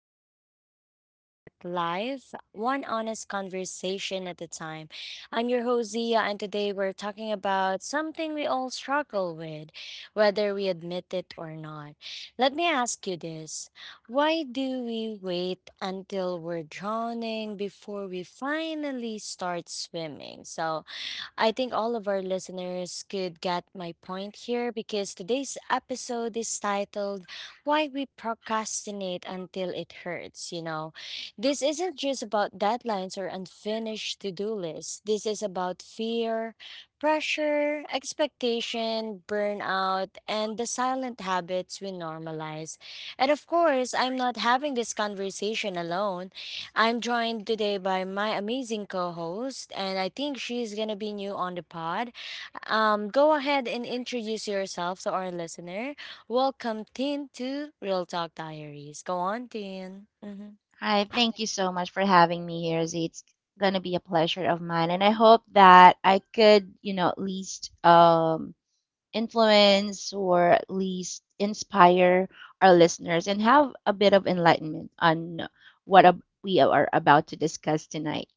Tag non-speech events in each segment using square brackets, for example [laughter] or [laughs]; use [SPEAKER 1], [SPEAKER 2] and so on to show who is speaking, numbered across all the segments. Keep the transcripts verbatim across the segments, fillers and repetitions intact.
[SPEAKER 1] the space where we unpack life, one honest conversation at a time. I'm your host, Zia, and today we're talking about something we all struggle with, whether we admit it or not. Let me ask you this. Why do we wait until we're drowning before we finally start swimming? So, I think all of our listeners could get my point here because today's episode is titled Why We Procrastinate Until It Hurts. You know, this isn't just about deadlines or unfinished to do lists. This is about fear, pressure, expectation, burnout, and the silent habits we normalize. And of course, I'm not having this conversation alone. I'm joined today by my amazing co-host, and I think she's gonna be new on the pod. Um, go ahead and introduce yourself to our listener. Welcome, Tin, to Real Talk Diaries. Go on, Tin. Mm-hmm.
[SPEAKER 2] Hi, thank you so much for having me here, Z. It's gonna be a pleasure of mine, and I hope that I could, you know, at least um, influence or at least inspire our listeners and have a bit of enlightenment on what ab- we are about to discuss tonight.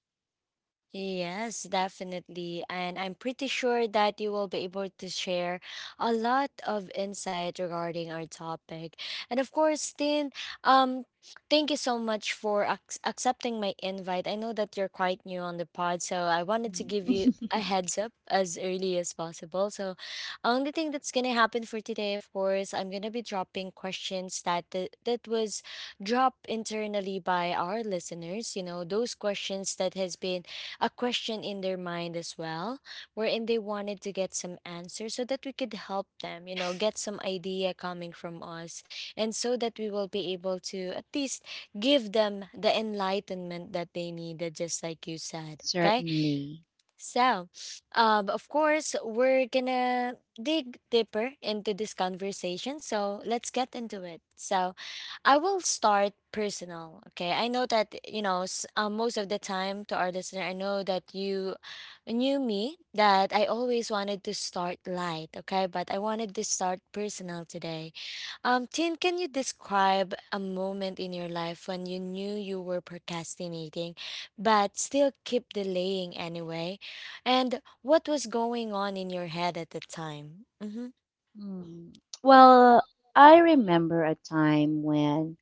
[SPEAKER 1] Yes, definitely. And I'm pretty sure that you will be able to share a lot of insight regarding our topic. And of course, Tin, um, thank you so much for ac- accepting my invite. I know that you're quite new on the pod, so I wanted to give
[SPEAKER 2] Mm.
[SPEAKER 1] you a heads up as early as possible. So, only thing that's gonna happen for today, of course, I'm gonna be dropping questions that th- that was dropped internally by our listeners. You know, those questions that has been a question in their mind as well, wherein they wanted to get some answers so that we could help them, you know, get some idea coming from us. And so that we will be able to at least give them the enlightenment that they needed, just like you said. Okay.
[SPEAKER 2] Certainly.
[SPEAKER 1] So, um, of course, we're gonna dig deeper into this conversation. So, let's get into it. So, I will start personal. Okay. I know that, you know, s- uh, most of the time to our listener, I know that you knew me that I always wanted to start light. Okay. But I wanted to start personal today, um, Tin, can you describe a moment in your life when you knew you were procrastinating, but still keep delaying anyway? And what was going on in your head at the time? Mm-hmm.
[SPEAKER 2] Mm. Well, I remember a time when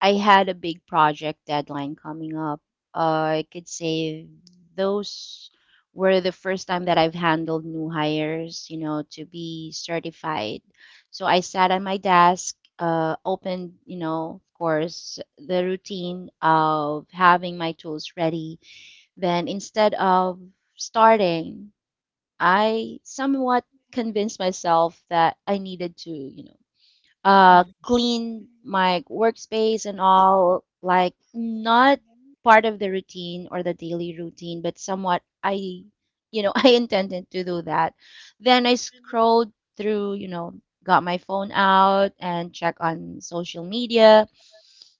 [SPEAKER 2] I had a big project deadline coming up. Uh, I could say those were the first time that I've handled new hires, you know, to be certified. So I sat at my desk, uh, opened, you know, of course, the routine of having my tools ready. Then instead of starting, I somewhat convinced myself that I needed to, you know, uh clean my workspace and all, like not part of the routine or the daily routine, but somewhat I you know [laughs] I intended to do that. Then I scrolled through, you know got my phone out and check on social media,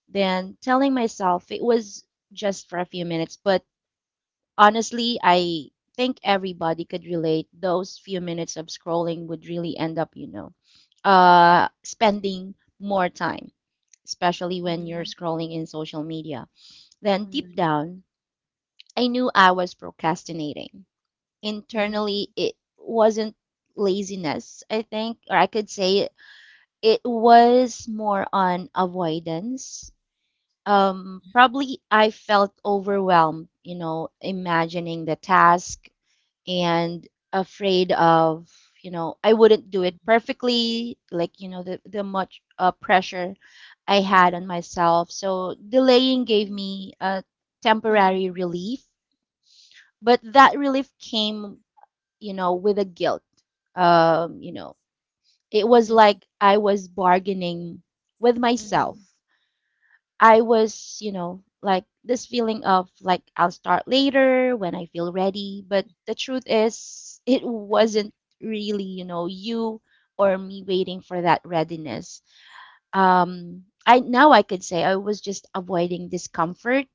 [SPEAKER 2] then telling myself it was just for a few minutes. But honestly, I think everybody could relate. Those few minutes of scrolling would really end up, you know, uh, spending more time, especially when you're
[SPEAKER 1] Mm-hmm.
[SPEAKER 2] scrolling in social media. Then deep
[SPEAKER 1] Mm-hmm.
[SPEAKER 2] down, I knew I was procrastinating.
[SPEAKER 1] Mm-hmm.
[SPEAKER 2] Internally, it wasn't laziness, I think, or I could say it was more on avoidance. Um, probably I felt overwhelmed, you know, imagining the task, and afraid of, you know I wouldn't do it perfectly, like, you know the, the much uh, pressure I
[SPEAKER 1] Mm-hmm.
[SPEAKER 2] had on myself. So delaying gave
[SPEAKER 1] Mhm,
[SPEAKER 2] me a temporary relief, but that relief came, you know with a guilt. Um you know it was
[SPEAKER 1] mhm,
[SPEAKER 2] like I was bargaining with myself.
[SPEAKER 1] mhm,
[SPEAKER 2] I was, you know, like this feeling of, like, I'll start later when I feel ready. But the truth is, it
[SPEAKER 1] mhm,
[SPEAKER 2] wasn't really, you know, you or me waiting for that readiness. Um, I now I could say I was just avoiding discomfort,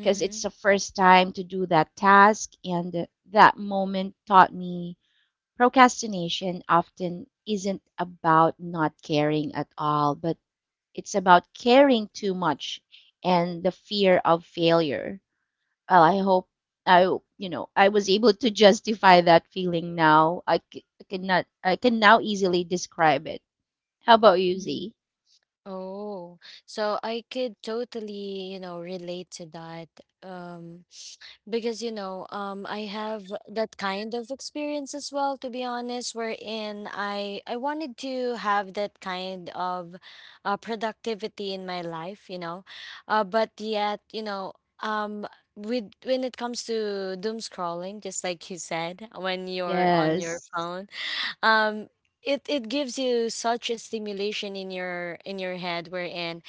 [SPEAKER 2] because it's the first time to do that task, and that moment taught me procrastination often isn't about not caring at all, but it's about caring too much and the fear of failure. Well, I hope I, you know, I was able to justify that feeling now. I, c- I cannot, I can now easily describe it. How about you,
[SPEAKER 1] mhm.
[SPEAKER 2] Z?
[SPEAKER 1] Oh, so I could totally, you know, relate to that. Um, Because you know, um, I have that kind of experience as well, to be honest, wherein I I wanted to have that kind of uh, productivity in my life, you know, uh, but yet, you know, um, with when it comes to doom scrolling, just like you said, when you're on your
[SPEAKER 2] Yes,
[SPEAKER 1] phone, um, it it gives you such a stimulation in your in your head, wherein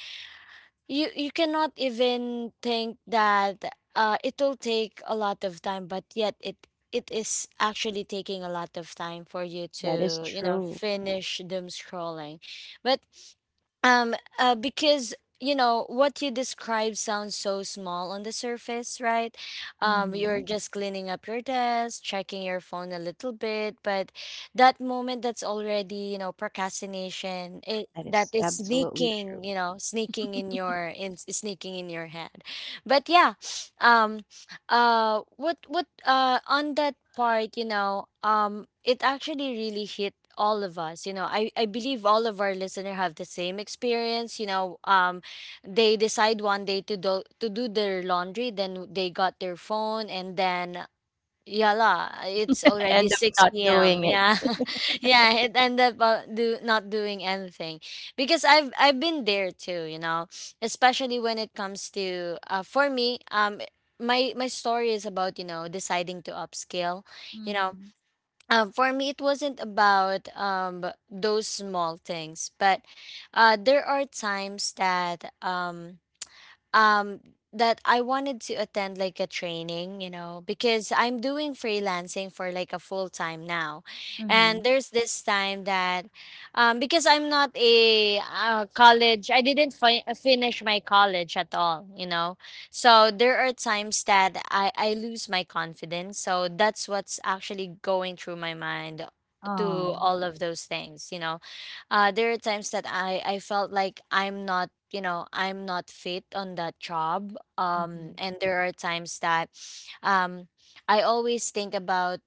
[SPEAKER 1] you you cannot even think that uh it will take a lot of time, but yet it it is actually taking a lot of time for you
[SPEAKER 2] that is
[SPEAKER 1] to, you know,
[SPEAKER 2] true.
[SPEAKER 1] finish doom scrolling. But um uh, because you know what you describe sounds so small on the surface, right? Um you're
[SPEAKER 2] Mm-hmm.
[SPEAKER 1] just cleaning up your desk, checking your phone a little bit, but that moment, that's already, you know, procrastination. it
[SPEAKER 2] That
[SPEAKER 1] that
[SPEAKER 2] is
[SPEAKER 1] is
[SPEAKER 2] absolutely true.
[SPEAKER 1] sneaking, you know, sneaking in your in sneaking in your head. But yeah um uh what what uh On that part, you know, um it actually really hit all of us. You know, i i believe all of our listener have the same experience. You know, um they decide one day to do to do their laundry, then they got their phone and then yeah, la. It's already
[SPEAKER 2] End up not
[SPEAKER 1] six p m.
[SPEAKER 2] doing it.
[SPEAKER 1] Yeah. [laughs] Yeah, it ended up uh, do not doing anything, because I've I've been there too, you know, especially when it comes to, uh for me, um my my story is about, you know, deciding to upscale, you know.
[SPEAKER 2] Mm-hmm.
[SPEAKER 1] Um for me, it wasn't about, um those small things, but uh there are times that um um that I wanted to attend like a training, you know, because I'm doing freelancing for like a full time now. And
[SPEAKER 2] Mm-hmm.
[SPEAKER 1] there's this time that, um because I'm not a, uh, college, I didn't fi- uh, finish my college at all, you know. So there are times that I I lose my confidence. So that's what's actually going through my mind to
[SPEAKER 2] Oh.
[SPEAKER 1] all of those things, you know. Uh there are times that I I felt like I'm not you know i'm not fit on that job,
[SPEAKER 2] Mm-hmm.
[SPEAKER 1] um and there are times that um I always think about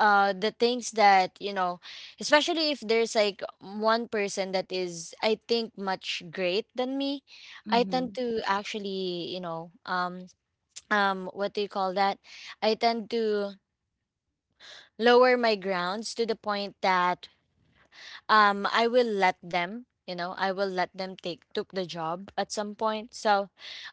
[SPEAKER 1] uh the things that, you know, especially if there's like one person that is, I think, much great than me, I
[SPEAKER 2] Mm-hmm.
[SPEAKER 1] tend to actually, you know, um [tsk] um what do you call that, I tend to lower my grounds to the point that, um I will let them, you know, I will let them take took the job at some point. So,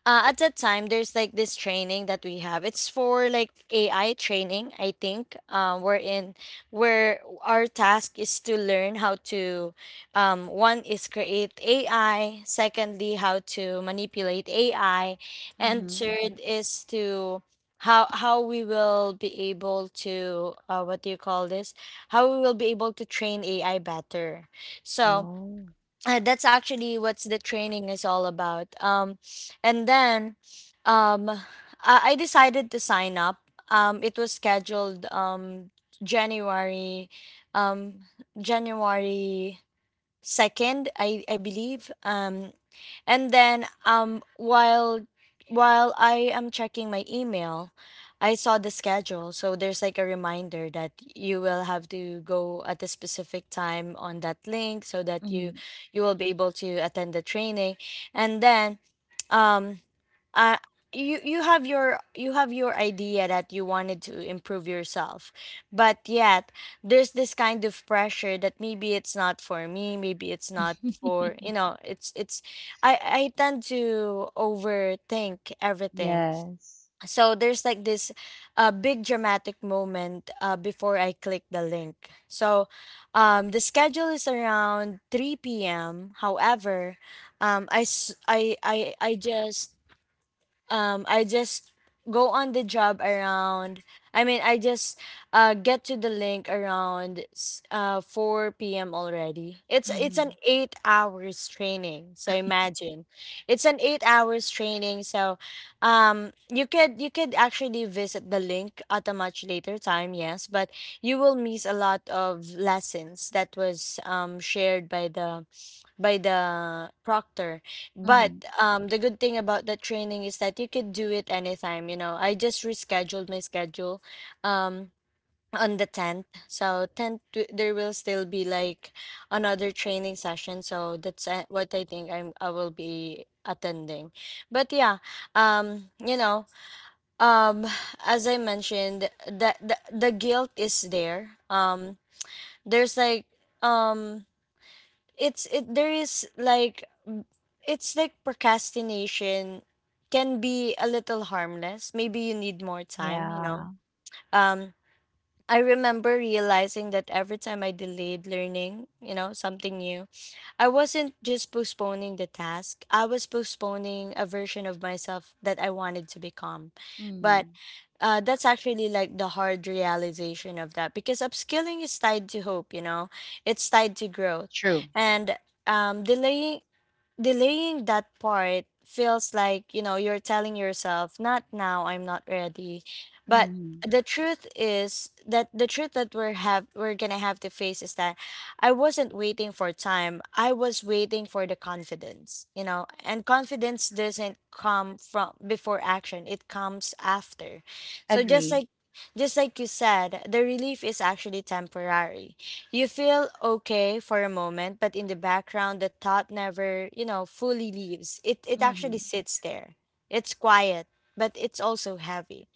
[SPEAKER 1] uh, at that time, there's like this training that we have. It's for like A I training, I think. Um we're in Where our task is to learn how to, um one is create A I, secondly how to manipulate A I, and
[SPEAKER 2] Mm-hmm.
[SPEAKER 1] third is to, how how we will be able to, uh, what do you call this, how we will be able to train A I better. So
[SPEAKER 2] Oh.
[SPEAKER 1] uh, that's actually what's the training is all about. Um, and then, um, I, I decided to sign up. Um, it was scheduled, um, January, um, January second, i i believe. Um and then, um while while I am checking my email, I saw the schedule. So there's like a reminder that you will have to go at a specific time on that link so that you
[SPEAKER 2] Mm-hmm.
[SPEAKER 1] you will be able to attend the training. And then, um uh, you you have your, you have your idea that you wanted to improve yourself, but yet there's this kind of pressure that maybe it's not for me, maybe it's not
[SPEAKER 2] [laughs]
[SPEAKER 1] for, you know, it's it's I I tend to overthink everything.
[SPEAKER 2] Yes.
[SPEAKER 1] So there's like this, uh, big dramatic moment, uh, before I click the link. So, um, the schedule is around three p.m., however, um, I, s- I I I just um I just go on the job around I mean I just uh get to the link around s- uh four p m already. It's it's an
[SPEAKER 2] Mm-hmm.
[SPEAKER 1] eight hours training. So imagine. It's an eight hours training. So, um you could, you could actually visit the link at a much later time, yes, but you will miss a lot of lessons that was, um shared by the, by the proctor. But,
[SPEAKER 2] Mm-hmm.
[SPEAKER 1] um, the good thing about the training is that you could do it anytime. You know, I just rescheduled my schedule, um, on the tenth. So tenth, w- there will still be like another training session. So that's, uh, what I think I'm, I will be attending. But yeah, um, you know, um, [sighs] as I mentioned, the, the, the guilt is there. Um, there's like, um, it's it there is like It's like procrastination can be a little harmless. Maybe you need more time, you know.
[SPEAKER 2] Yeah.
[SPEAKER 1] Um, I remember realizing that every time I delayed learning, you know, something new, I wasn't just postponing the task. I was postponing a version of myself that I wanted to become. But
[SPEAKER 2] Mm.
[SPEAKER 1] uh, that's actually like the hard realization of that, because upskilling is tied to hope, you know, it's tied to growth.
[SPEAKER 2] True.
[SPEAKER 1] And, um, delaying delaying that part feels like, you know, you're telling yourself not now, I'm not ready. But
[SPEAKER 2] Mm.
[SPEAKER 1] the truth is that, the truth that we're have we're gonna have to face is that I wasn't waiting for time, I was waiting for the confidence. You know, and confidence doesn't come from before action, it comes after. So just
[SPEAKER 2] Agree.
[SPEAKER 1] like, just like you said, the relief is actually temporary. You feel okay for a moment, but in the background, the thought never, you know, fully leaves. It, it actually
[SPEAKER 2] Mm-hmm.
[SPEAKER 1] sits there. It's quiet, but it's also heavy.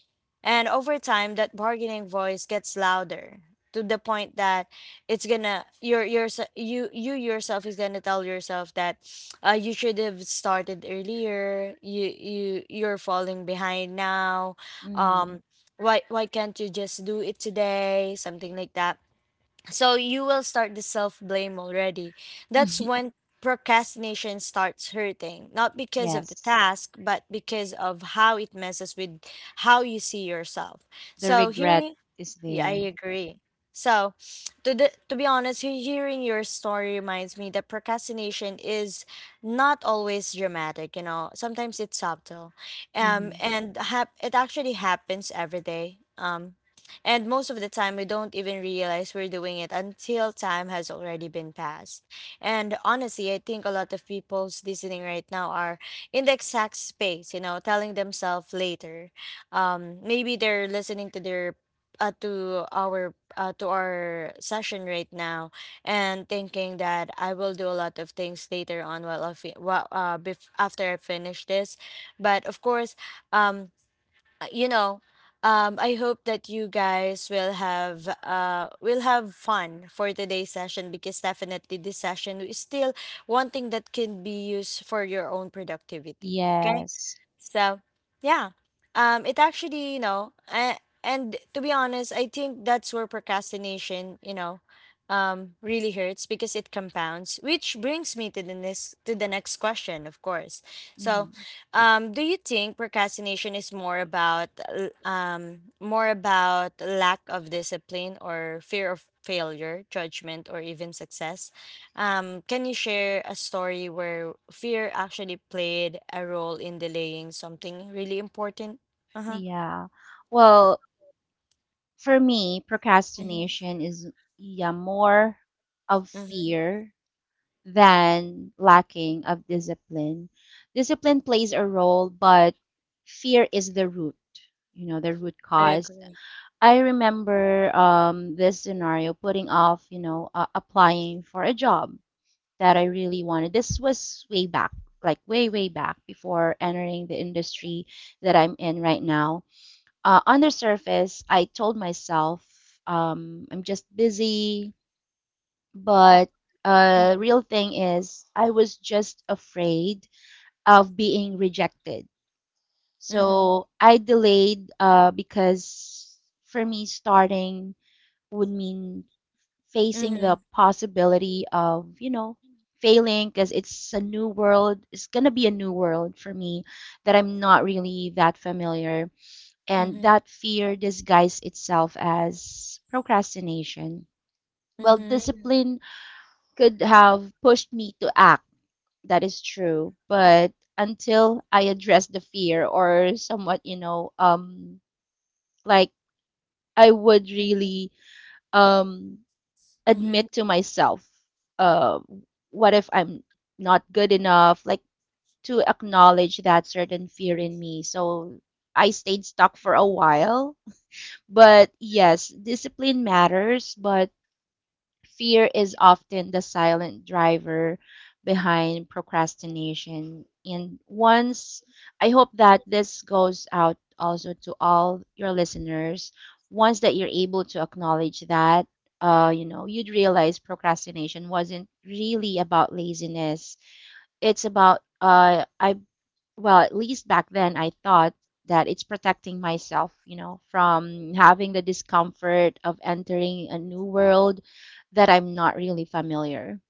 [SPEAKER 1] And over time, that bargaining voice gets louder to the point that it's gonna your your you you yourself is gonna tell yourself that, uh, you should have started earlier. You you you're falling behind now.
[SPEAKER 2] Mm-hmm.
[SPEAKER 1] Um, why why can't you just do it today? Something like that, so you will start the self blame already. That's
[SPEAKER 2] [laughs]
[SPEAKER 1] when procrastination starts hurting, not because of the
[SPEAKER 2] Yes.
[SPEAKER 1] task, but because of how it messes with how you see yourself.
[SPEAKER 2] The
[SPEAKER 1] So
[SPEAKER 2] regret
[SPEAKER 1] here,
[SPEAKER 2] is
[SPEAKER 1] yeah, I
[SPEAKER 2] there.
[SPEAKER 1] agree. So, [sniffs] to the, to be honest, he- hearing your story reminds me that procrastination is not always dramatic. You know, sometimes it's subtle, um,
[SPEAKER 2] Mm-hmm.
[SPEAKER 1] and hap- it actually happens every day. Um, and most of the time, we don't even realize we're doing it until time has already been passed. And honestly, I think a lot of people's listening right now are in the exact space. You know, telling themselves later. Um, maybe they're listening to their uh, to our uh, to our session right now and thinking that I will do a lot of things later on while I fi- while, uh, bef- after I finish this but of course um uh, you know um I hope that you guys will have uh will have fun for today's session because definitely this session is still one thing that can be used for your own productivity, okay?
[SPEAKER 2] Yes.
[SPEAKER 1] So, yeah, um, it actually, you know, and, and to be honest, I think that's where procrastination, you know, um, really hurts because it compounds. Which brings me to the next to the next question, of course. So,
[SPEAKER 2] Mm-hmm.
[SPEAKER 1] um, do you think procrastination is more about l- um, more about lack of discipline or fear of failure, judgment, or even success? Um, can you share a story where fear actually played a role in delaying something really important? Uh-huh.
[SPEAKER 2] Yeah. Well, for me,
[SPEAKER 1] Mm-hmm.
[SPEAKER 2] procrastination is, yeah, more of
[SPEAKER 1] Mm-hmm.
[SPEAKER 2] fear than lacking of discipline. Discipline plays a role, but fear is the root, you know, the root
[SPEAKER 1] I
[SPEAKER 2] cause.
[SPEAKER 1] agree.
[SPEAKER 2] I remember, um, this scenario putting off, you know, uh, applying for a job that I really wanted. This was way back, like way, way back, before entering the industry that I'm in right now. Uh, on the surface, I told myself, um, I'm just busy, but uh,
[SPEAKER 1] Mm-hmm.
[SPEAKER 2] real thing is I was just afraid of being rejected.
[SPEAKER 1] Mm-hmm.
[SPEAKER 2] So I delayed, uh, because for me, starting would mean facing
[SPEAKER 1] Mm-hmm.
[SPEAKER 2] the possibility of, you know, failing, because it's a new world. It's going to be a new world for me that I'm not really that familiar. And that fear disguised itself as procrastination. Well,
[SPEAKER 1] Mm-hmm.
[SPEAKER 2] discipline could have pushed me to act. That is true. But until I address the fear, or somewhat, you know, um, like I would really um
[SPEAKER 1] Mm-hmm.
[SPEAKER 2] admit to myself, uh, what if I'm not good enough, like, to acknowledge that certain fear in me. So I stayed stuck for a while. But yes, discipline matters, but fear is often the silent driver behind procrastination. And once, I hope that this goes out also to all your listeners. Once that you're able to acknowledge that, uh, you know, you'd realize procrastination wasn't really about laziness. It's about, uh, I well, at least back then, I thought that it's protecting myself, you know, from having the discomfort of entering a new world that I'm not really familiar.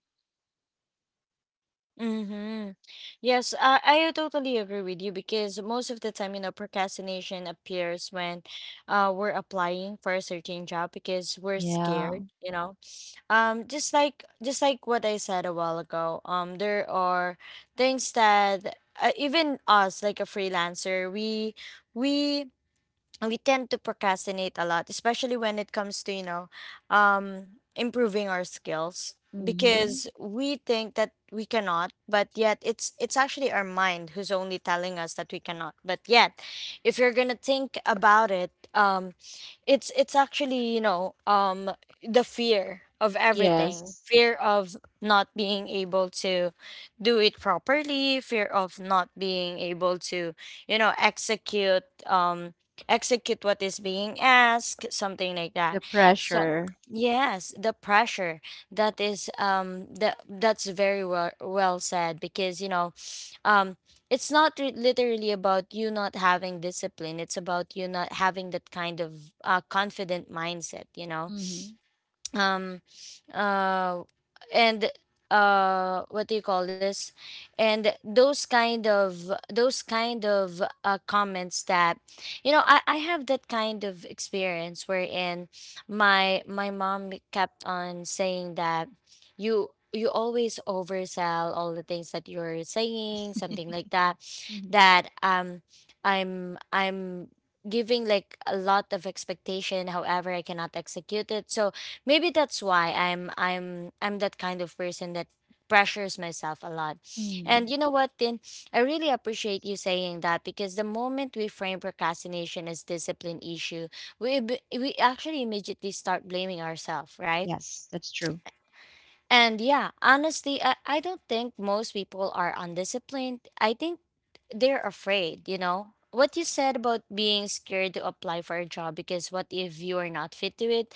[SPEAKER 1] Mm-hmm. Yes, I, I totally agree with you because most of the time, you know, procrastination appears when uh, we're applying for a certain job because we're
[SPEAKER 2] Yeah.
[SPEAKER 1] scared, you know, um just like just like what I said a while ago um there are things that uh, even us like a freelancer we we we tend to procrastinate a lot, especially when it comes to, you know, um, improving our skills
[SPEAKER 2] Mm-hmm.
[SPEAKER 1] because we think that we cannot, but yet it's it's actually our mind who's only telling us that we cannot. But yet, if you're gonna think about it, um, it's it's actually, you know, um, the fear of everything,
[SPEAKER 2] Yes.
[SPEAKER 1] fear of not being able to do it properly, fear of not being able to, you know, execute. Um, execute what is being asked, something like that.
[SPEAKER 2] The
[SPEAKER 1] So
[SPEAKER 2] pressure.
[SPEAKER 1] yes, the pressure that is um that that's very well well said because you know, um it's not re- literally about you not having discipline. It's about you not having that kind of uh, confident mindset. You know,
[SPEAKER 2] Mm-hmm.
[SPEAKER 1] um uh and uh what do you call this? And those kind of those kind of uh, comments that you know, I, I have that kind of experience wherein my my mom kept on saying that you you always oversell all the things that you're saying something like that,
[SPEAKER 2] Mm-hmm.
[SPEAKER 1] that um i'm I'm giving like a lot of expectation however I cannot execute it. So maybe that's why I'm I'm I'm that kind of person that pressures myself a lot.
[SPEAKER 2] Mm.
[SPEAKER 1] And you know what, Tin? I really appreciate you saying that because the moment we frame procrastination as discipline issue, we ab- we actually immediately start blaming ourselves, right?
[SPEAKER 2] Yes, that's true.
[SPEAKER 1] And yeah, honestly, I, I don't think most people are undisciplined. I think they're afraid, you know. What you said about being scared to apply for a job because what if you are not fit to it?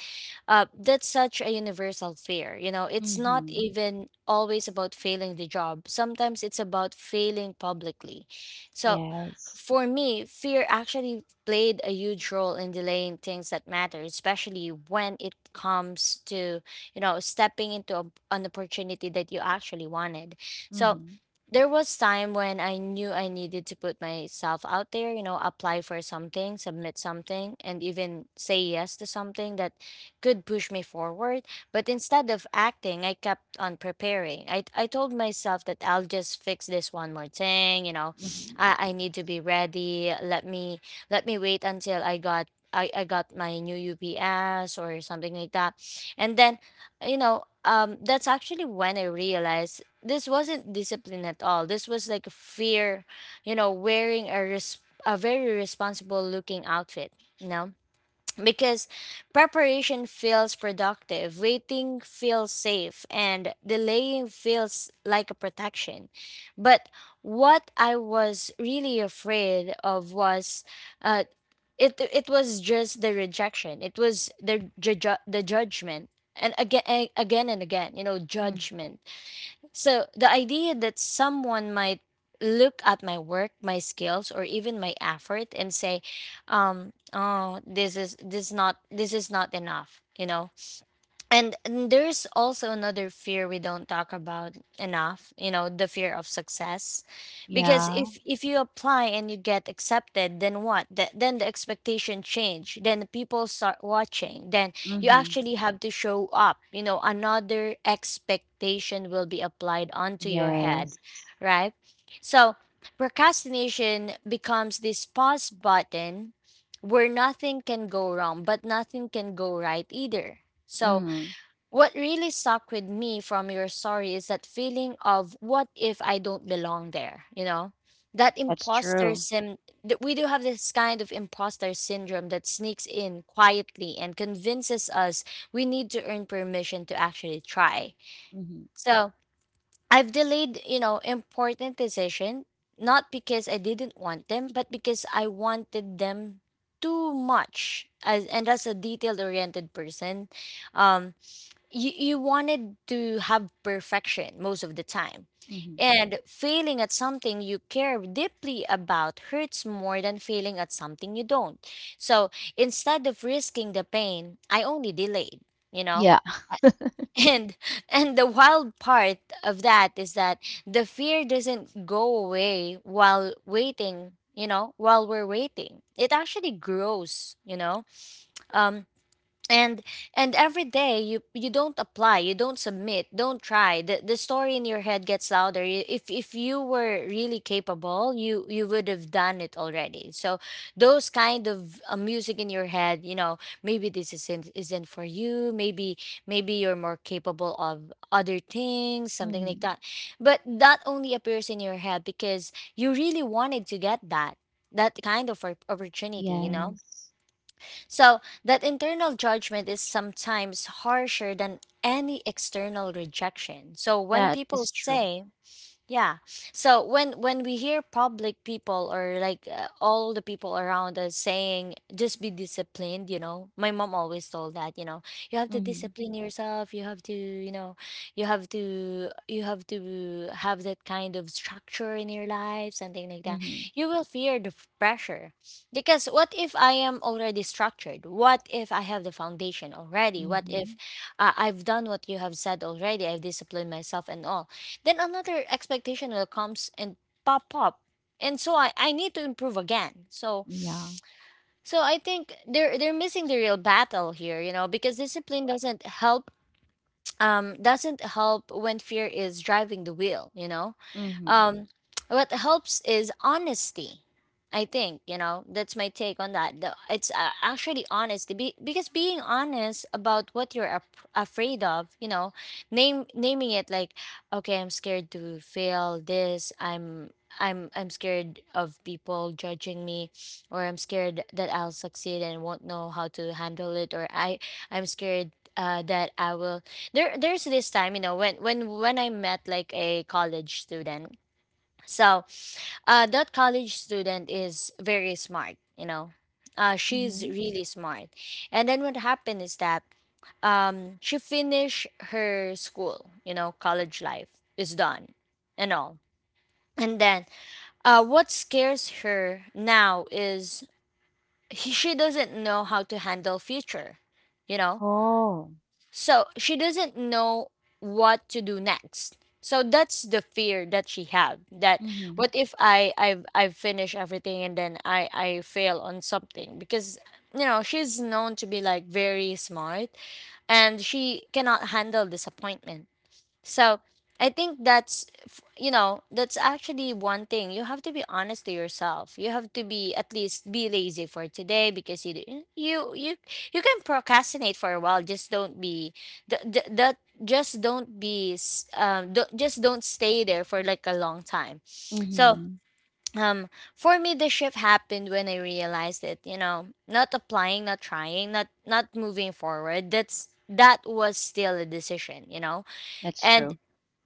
[SPEAKER 1] Uh, that's such a universal fear. You know, it's not
[SPEAKER 2] Mm-hmm.
[SPEAKER 1] even always about failing the job. Sometimes it's about failing publicly. So
[SPEAKER 2] Yes.
[SPEAKER 1] for me, fear actually played a huge role in delaying things that matter, especially when it comes to, you know, stepping into a, an opportunity that you actually wanted. So
[SPEAKER 2] Mm-hmm.
[SPEAKER 1] there was time when I knew I needed to put myself out there, you know, apply for something, submit something, and even say yes to something that could push me forward. But instead of acting, I kept on preparing. I, I told myself that I'll just fix this one more thing, you know.
[SPEAKER 2] Mm-hmm.
[SPEAKER 1] [sniffs] I, I need to be ready. Let me let me wait until I got I, I got my new U P S or something like that. And then, you know, um, that's actually when I realized this wasn't discipline at all. This was like a fear, you know, wearing a res- a very responsible looking outfit, you know? Because preparation feels productive, waiting feels safe, and delaying feels like a protection. But what I was really afraid of was uh it it was just the rejection. It was the ju- ju- the judgment. And again, again and again, you know,
[SPEAKER 2] Mm.
[SPEAKER 1] judgment, so the idea that someone might look at my work, my skills, or even my effort and say, um, "Oh, this is this not this is not enough," you know. and and there's also another fear we don't talk about enough, you know, the fear of success, because
[SPEAKER 2] Yeah.
[SPEAKER 1] if if you apply and you get accepted then what? Th- then the expectation change, then people start watching, then you
[SPEAKER 2] Mm-hmm.
[SPEAKER 1] actually have to show up, you know, another expectation will be applied onto your head,
[SPEAKER 2] Yes.
[SPEAKER 1] right? So procrastination becomes this pause button where nothing can go wrong but nothing can go right either. So
[SPEAKER 2] Mm-hmm.
[SPEAKER 1] what really stuck with me from your story is that feeling of what if I don't belong there, you know? That
[SPEAKER 2] That's
[SPEAKER 1] imposter
[SPEAKER 2] true.
[SPEAKER 1] sim that we do have this kind of imposter syndrome that sneaks in quietly and convinces us we need to earn permission to actually try.
[SPEAKER 2] Mm-hmm.
[SPEAKER 1] So, I've delayed, you know, important decision not because I didn't want them, but because I wanted them too much. As and as a detail-oriented person, um you you wanted to have perfection most of the time,
[SPEAKER 2] Mm-hmm.
[SPEAKER 1] and failing at something you care deeply about hurts more than failing at something you don't. So instead of risking the pain I only delayed, you know.
[SPEAKER 2] Yeah.
[SPEAKER 1] [laughs] and and the wild part of that is that the fear doesn't go away while waiting, you know, while we're waiting it actually grows, you know. um and and every day you you don't apply, you don't submit, don't try, the, the story in your head gets louder. You- if if you were really capable you you would have done it already. So those kind of uh, music in your head, you know, maybe this isn't isn't for you, maybe maybe you're more capable of other things, something like
[SPEAKER 2] Mm-hmm.
[SPEAKER 1] that. But that only appears in your head because you really wanted to get that that kind of op- opportunity, you know.
[SPEAKER 2] Yes,
[SPEAKER 1] So that internal judgment is sometimes harsher than any external rejection. So, when
[SPEAKER 2] that
[SPEAKER 1] people
[SPEAKER 2] is true.
[SPEAKER 1] say, yeah. So when when we hear public people or like uh, all the people around us saying just be disciplined, you know. My mom always told that, you know, you have to
[SPEAKER 2] Mhm,
[SPEAKER 1] discipline yourself, you have to, you know, you have to you have to have that kind of structure in your life, something like that.
[SPEAKER 2] mhm,
[SPEAKER 1] You will fear the f- pressure. Because what if I am already structured? What if I have the foundation already? What if
[SPEAKER 2] mhm.
[SPEAKER 1] uh, I've done what you have said already? I've disciplined myself and all, then another expectation will comes and pop up. And so I, I need to improve again. So
[SPEAKER 2] Yeah.
[SPEAKER 1] so I think they're they're missing the real battle here, you know, because discipline doesn't help, um doesn't help when fear is driving the wheel, you know?
[SPEAKER 2] Mhm,
[SPEAKER 1] Um, what helps is honesty. I think you know that's my take on that. The, it's uh, actually honesty be, because being honest about what you're ap- afraid of, you know, name naming it like, okay, I'm scared to fail this. I'm I'm I'm scared of people judging me, or I'm scared that I'll succeed and won't know how to handle it, or I I'm scared uh, that I will there there's this time, you know, when when when I met like a college student. So uh, that college student is very smart, you know. Uh, she's
[SPEAKER 2] mhm.
[SPEAKER 1] really smart. And then what happened is that um, she finished her school, you know, college life is done and all. And then uh, what scares her now is he, she doesn't know how to handle future, you know,
[SPEAKER 2] Oh.
[SPEAKER 1] so she doesn't know what to do next. So that's the fear that she had. That
[SPEAKER 2] Mhm,
[SPEAKER 1] what if I I've I've finished everything and then I I fail on something, because you know she's known to be like very smart and she cannot handle disappointment. So I think that's, f- you know, that's actually one thing. You have to be honest to yourself. You have to be at least be lazy for today because you d- you you you can procrastinate for a while. Just don't be th- th- that. Just don't be s- um. do not just don't stay there for like a long time. So
[SPEAKER 2] mhm.
[SPEAKER 1] um, for me, the shift happened when I realized that, you know, not applying, not trying, not not moving forward. That's that was still a decision. You know,
[SPEAKER 2] That's
[SPEAKER 1] and
[SPEAKER 2] true.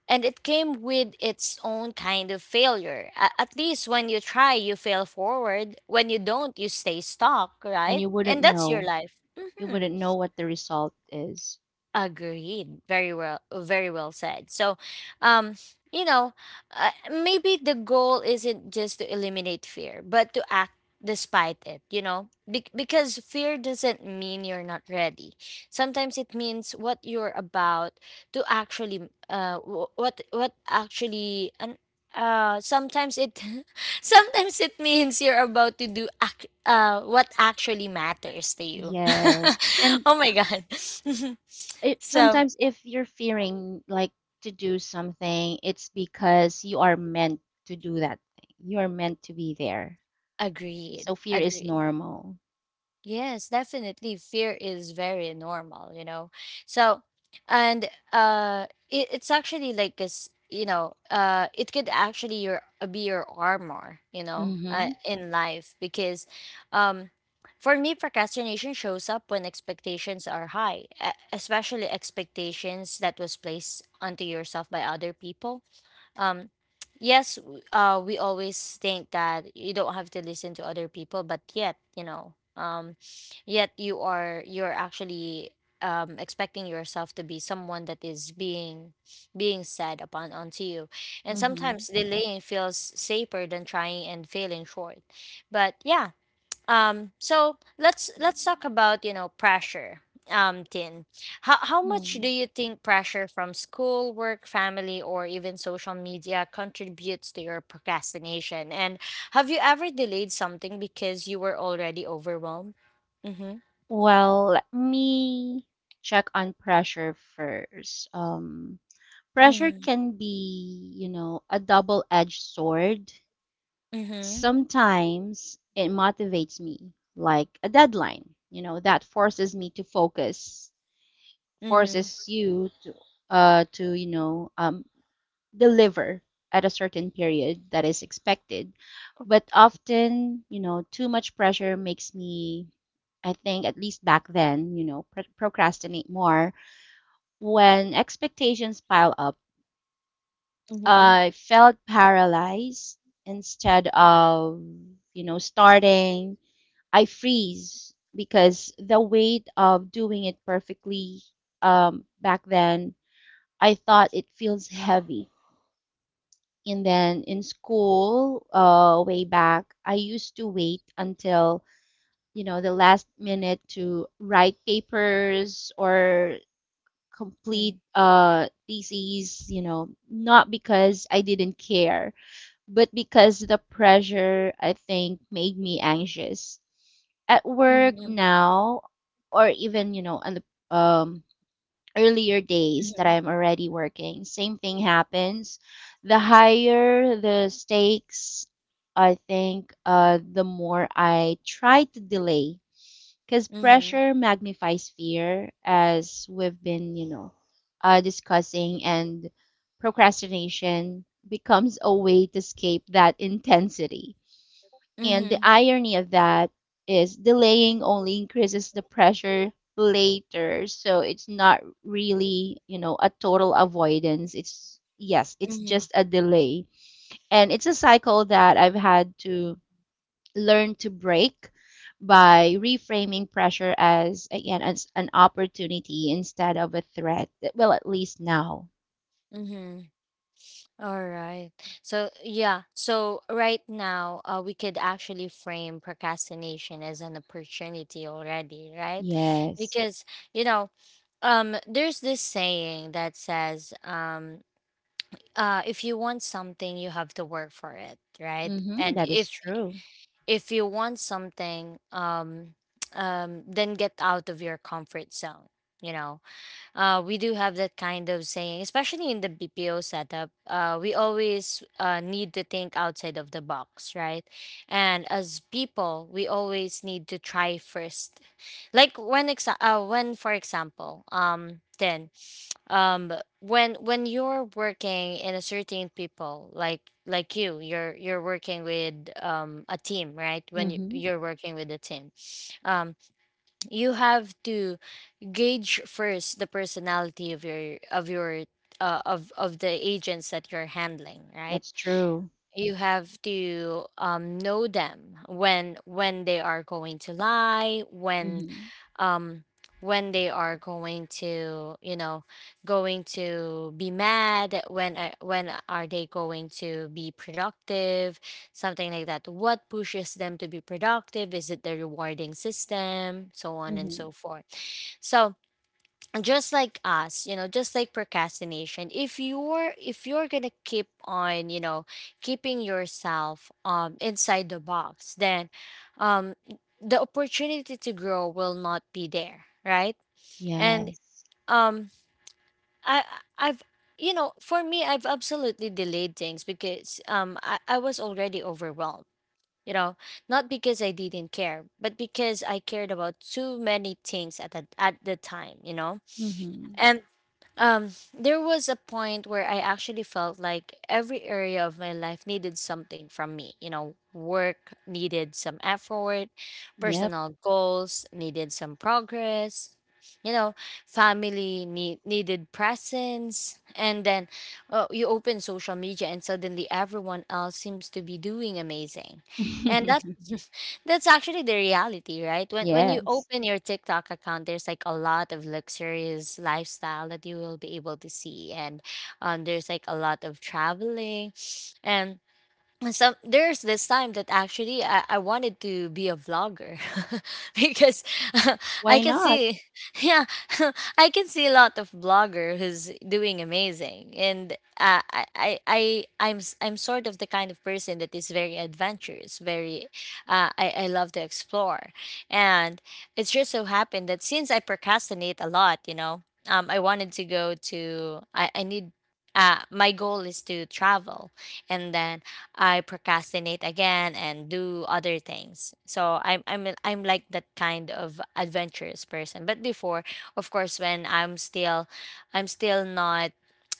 [SPEAKER 1] and it came with its own kind of failure. A- at least when you try, you fail forward. When you don't, you stay stuck,
[SPEAKER 2] And
[SPEAKER 1] right?
[SPEAKER 2] you wouldn't
[SPEAKER 1] And that's your
[SPEAKER 2] know.
[SPEAKER 1] life.
[SPEAKER 2] You
[SPEAKER 1] Mhm.
[SPEAKER 2] wouldn't know what the result is.
[SPEAKER 1] Agreed. Very well. Very well said. So, um, you know, uh, maybe the goal isn't just to eliminate fear, but to act despite it. You know, Be- because fear doesn't mean you're not ready. Sometimes it means what you're about to actually, uh, wh- what what actually, and uh, sometimes it, [laughs] sometimes it means you're about to do ac- uh what actually matters to you. [laughs]
[SPEAKER 2] Yes. And
[SPEAKER 1] Oh my god. [laughs]
[SPEAKER 2] it
[SPEAKER 1] So,
[SPEAKER 2] sometimes, if you're fearing, like, to do something, it's because you are meant to do that thing. You are meant to be there.
[SPEAKER 1] agreed,
[SPEAKER 2] So fear is
[SPEAKER 1] agreed.
[SPEAKER 2] normal.
[SPEAKER 1] Yes, definitely. Fear is very normal, you know. So, and uh, it, it's actually like this, you know, uh, it could actually your uh, be your armor, you know, uh,
[SPEAKER 2] Mhm,
[SPEAKER 1] in life because, um, for me, procrastination shows up when expectations are high, e- especially expectations that was placed onto yourself by other people. Um yes w- uh we always think that you don't have to listen to other people, but yet you know um yet you are you're actually um expecting yourself to be someone that is being being said upon onto you, and
[SPEAKER 2] mhm.
[SPEAKER 1] sometimes delaying feels safer than trying and failing short. But yeah, um, so let's let's talk about, you know, pressure. Um, Tin. How how much do
[SPEAKER 2] Mm.
[SPEAKER 1] you think pressure from school, work, family, or even social media contributes to your procrastination? And have you ever delayed something because you were already overwhelmed? Mm-hmm.
[SPEAKER 2] Well, let me check on pressure first. Um, pressure can be, you know, a double-edged sword.
[SPEAKER 1] Mm-hmm.
[SPEAKER 2] Sometimes it motivates me, like a deadline, you know, that forces me to focus,
[SPEAKER 1] Mm-hmm.
[SPEAKER 2] forces you to, uh, to, you know, um, deliver at a certain period that is expected. But often, you know, too much pressure makes me, I think, at least back then, you know, pr- procrastinate more. When expectations pile up,
[SPEAKER 1] Mm-hmm.
[SPEAKER 2] I felt paralyzed instead of, you know, starting. I freeze because the weight of doing it perfectly, um, back then, I thought it feels heavy. And then in school, uh, way back, I used to wait until, you know, the last minute to write papers or
[SPEAKER 1] Mm-hmm.
[SPEAKER 2] complete, uh, theses, you know, not because I didn't care, but because the pressure, I think, made me anxious. At work
[SPEAKER 1] Mm-hmm.
[SPEAKER 2] now, or even, you know, on the um, earlier days that
[SPEAKER 1] Mm-hmm.
[SPEAKER 2] I'm already working, same thing happens. The higher the stakes, I think, uh, the more I try to delay, because
[SPEAKER 1] Mm-hmm.
[SPEAKER 2] pressure
[SPEAKER 1] Mm-hmm.
[SPEAKER 2] magnifies fear, as we've been, you know, uh, discussing, and procrastination becomes a way to escape that intensity. And the
[SPEAKER 1] Mm-hmm.
[SPEAKER 2] irony of that is delaying only increases the pressure later. So it's not really, you know, a total avoidance. It's, yes, it's
[SPEAKER 1] Mm-hmm.
[SPEAKER 2] just a delay. And it's a cycle that I've had to learn to break by reframing pressure as, again, as an opportunity instead of a threat. Well, at least now.
[SPEAKER 1] Mm-hmm. All right. So, yeah. So, right now, uh, we could actually frame procrastination as an opportunity already, right?
[SPEAKER 2] Yes.
[SPEAKER 1] Because, you know, um, there's this saying that says, um, uh, if you want something, you have to work for it, right?
[SPEAKER 2] Mm-hmm.
[SPEAKER 1] And
[SPEAKER 2] That is
[SPEAKER 1] if
[SPEAKER 2] true.
[SPEAKER 1] if you want something, um, [tsk] um, then get out of your comfort zone, you know, uh, we do have that kind of saying, especially in the B P O setup. Uh, we always uh, need to think outside of the box, right? And as people, we always need to try first. Like when, exa- uh, when for example, um, then um, when when you're working in a certain people, like like you, you're you're working with um, a team, right? When you,
[SPEAKER 2] Mm-hmm.
[SPEAKER 1] you're working with a team, um, you have to gauge first the personality of your of your uh, of of the agents that you're handling, right?
[SPEAKER 2] That's true.
[SPEAKER 1] You have to um, know them, when when they are going to lie, when
[SPEAKER 2] Mm-hmm.
[SPEAKER 1] um when they are going to, you know, going to be mad, when a- when are they going to be productive, something like that. What pushes them to be productive, is it the rewarding system, so on and
[SPEAKER 2] Mm-hmm.
[SPEAKER 1] so forth. So just like us, you know, just like procrastination, if you're if you're gonna keep on, you know, keeping yourself um inside the box, then um the opportunity to grow will not be there, right? and
[SPEAKER 2] Yes.
[SPEAKER 1] um i i've you know, for me, I've absolutely delayed things because um i, I was already overwhelmed, you know. Not because I didn't care, but because I cared about too many things at the, at the time, you know.
[SPEAKER 2] Mhm.
[SPEAKER 1] And um, there was a point where I actually felt like every area of my life needed something from me. You know, work needed some effort,
[SPEAKER 2] Yep.
[SPEAKER 1] personal goals needed some progress, you know, family need, needed presence. And then, uh, you open social media and suddenly everyone else seems to be doing amazing. And that
[SPEAKER 2] [laughs]
[SPEAKER 1] [laughs] that's actually the reality, right? When when you
[SPEAKER 2] Yes.
[SPEAKER 1] open your TikTok account, there's like a lot of luxurious lifestyle that you will be able to see, and um, there's like a lot of traveling, and and some there's this time that actually I, I wanted to be a vlogger [laughs] because [laughs] I
[SPEAKER 2] Why
[SPEAKER 1] can
[SPEAKER 2] not?
[SPEAKER 1] see [laughs] yeah [laughs] I can see a lot of blogger who's doing amazing, and uh, I I I I'm s- I'm sort of the kind of person that is very adventurous, very uh, I I love to explore, and it's just so happened that since I procrastinate a lot, you know, um I wanted to go to I I need, uh my goal is to travel, and then I procrastinate again and do other things. So I'm I'm I'm like that kind of adventurous person. But before, of course, when I'm still I'm still not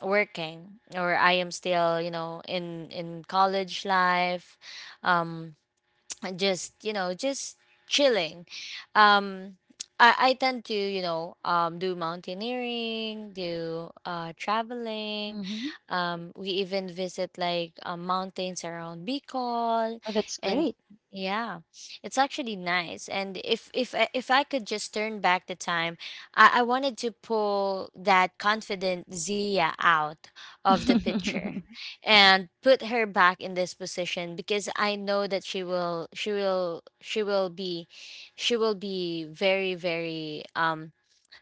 [SPEAKER 1] working, or I am still, you know, in in college life, um and just, you know, just chilling. Um i i tend to, you know, um do mountaineering, do uh traveling.
[SPEAKER 2] Mhm.
[SPEAKER 1] Um we even visit like uh, mountains around Bicol,
[SPEAKER 2] Oh, that's
[SPEAKER 1] and
[SPEAKER 2] great.
[SPEAKER 1] yeah, it's actually nice. And if if I- if I could just turn back the time, i i wanted to pull that confident Zia out of the picture
[SPEAKER 2] [laughs]
[SPEAKER 1] and put her back in this position, because I know that she will she will she will be she will be very very um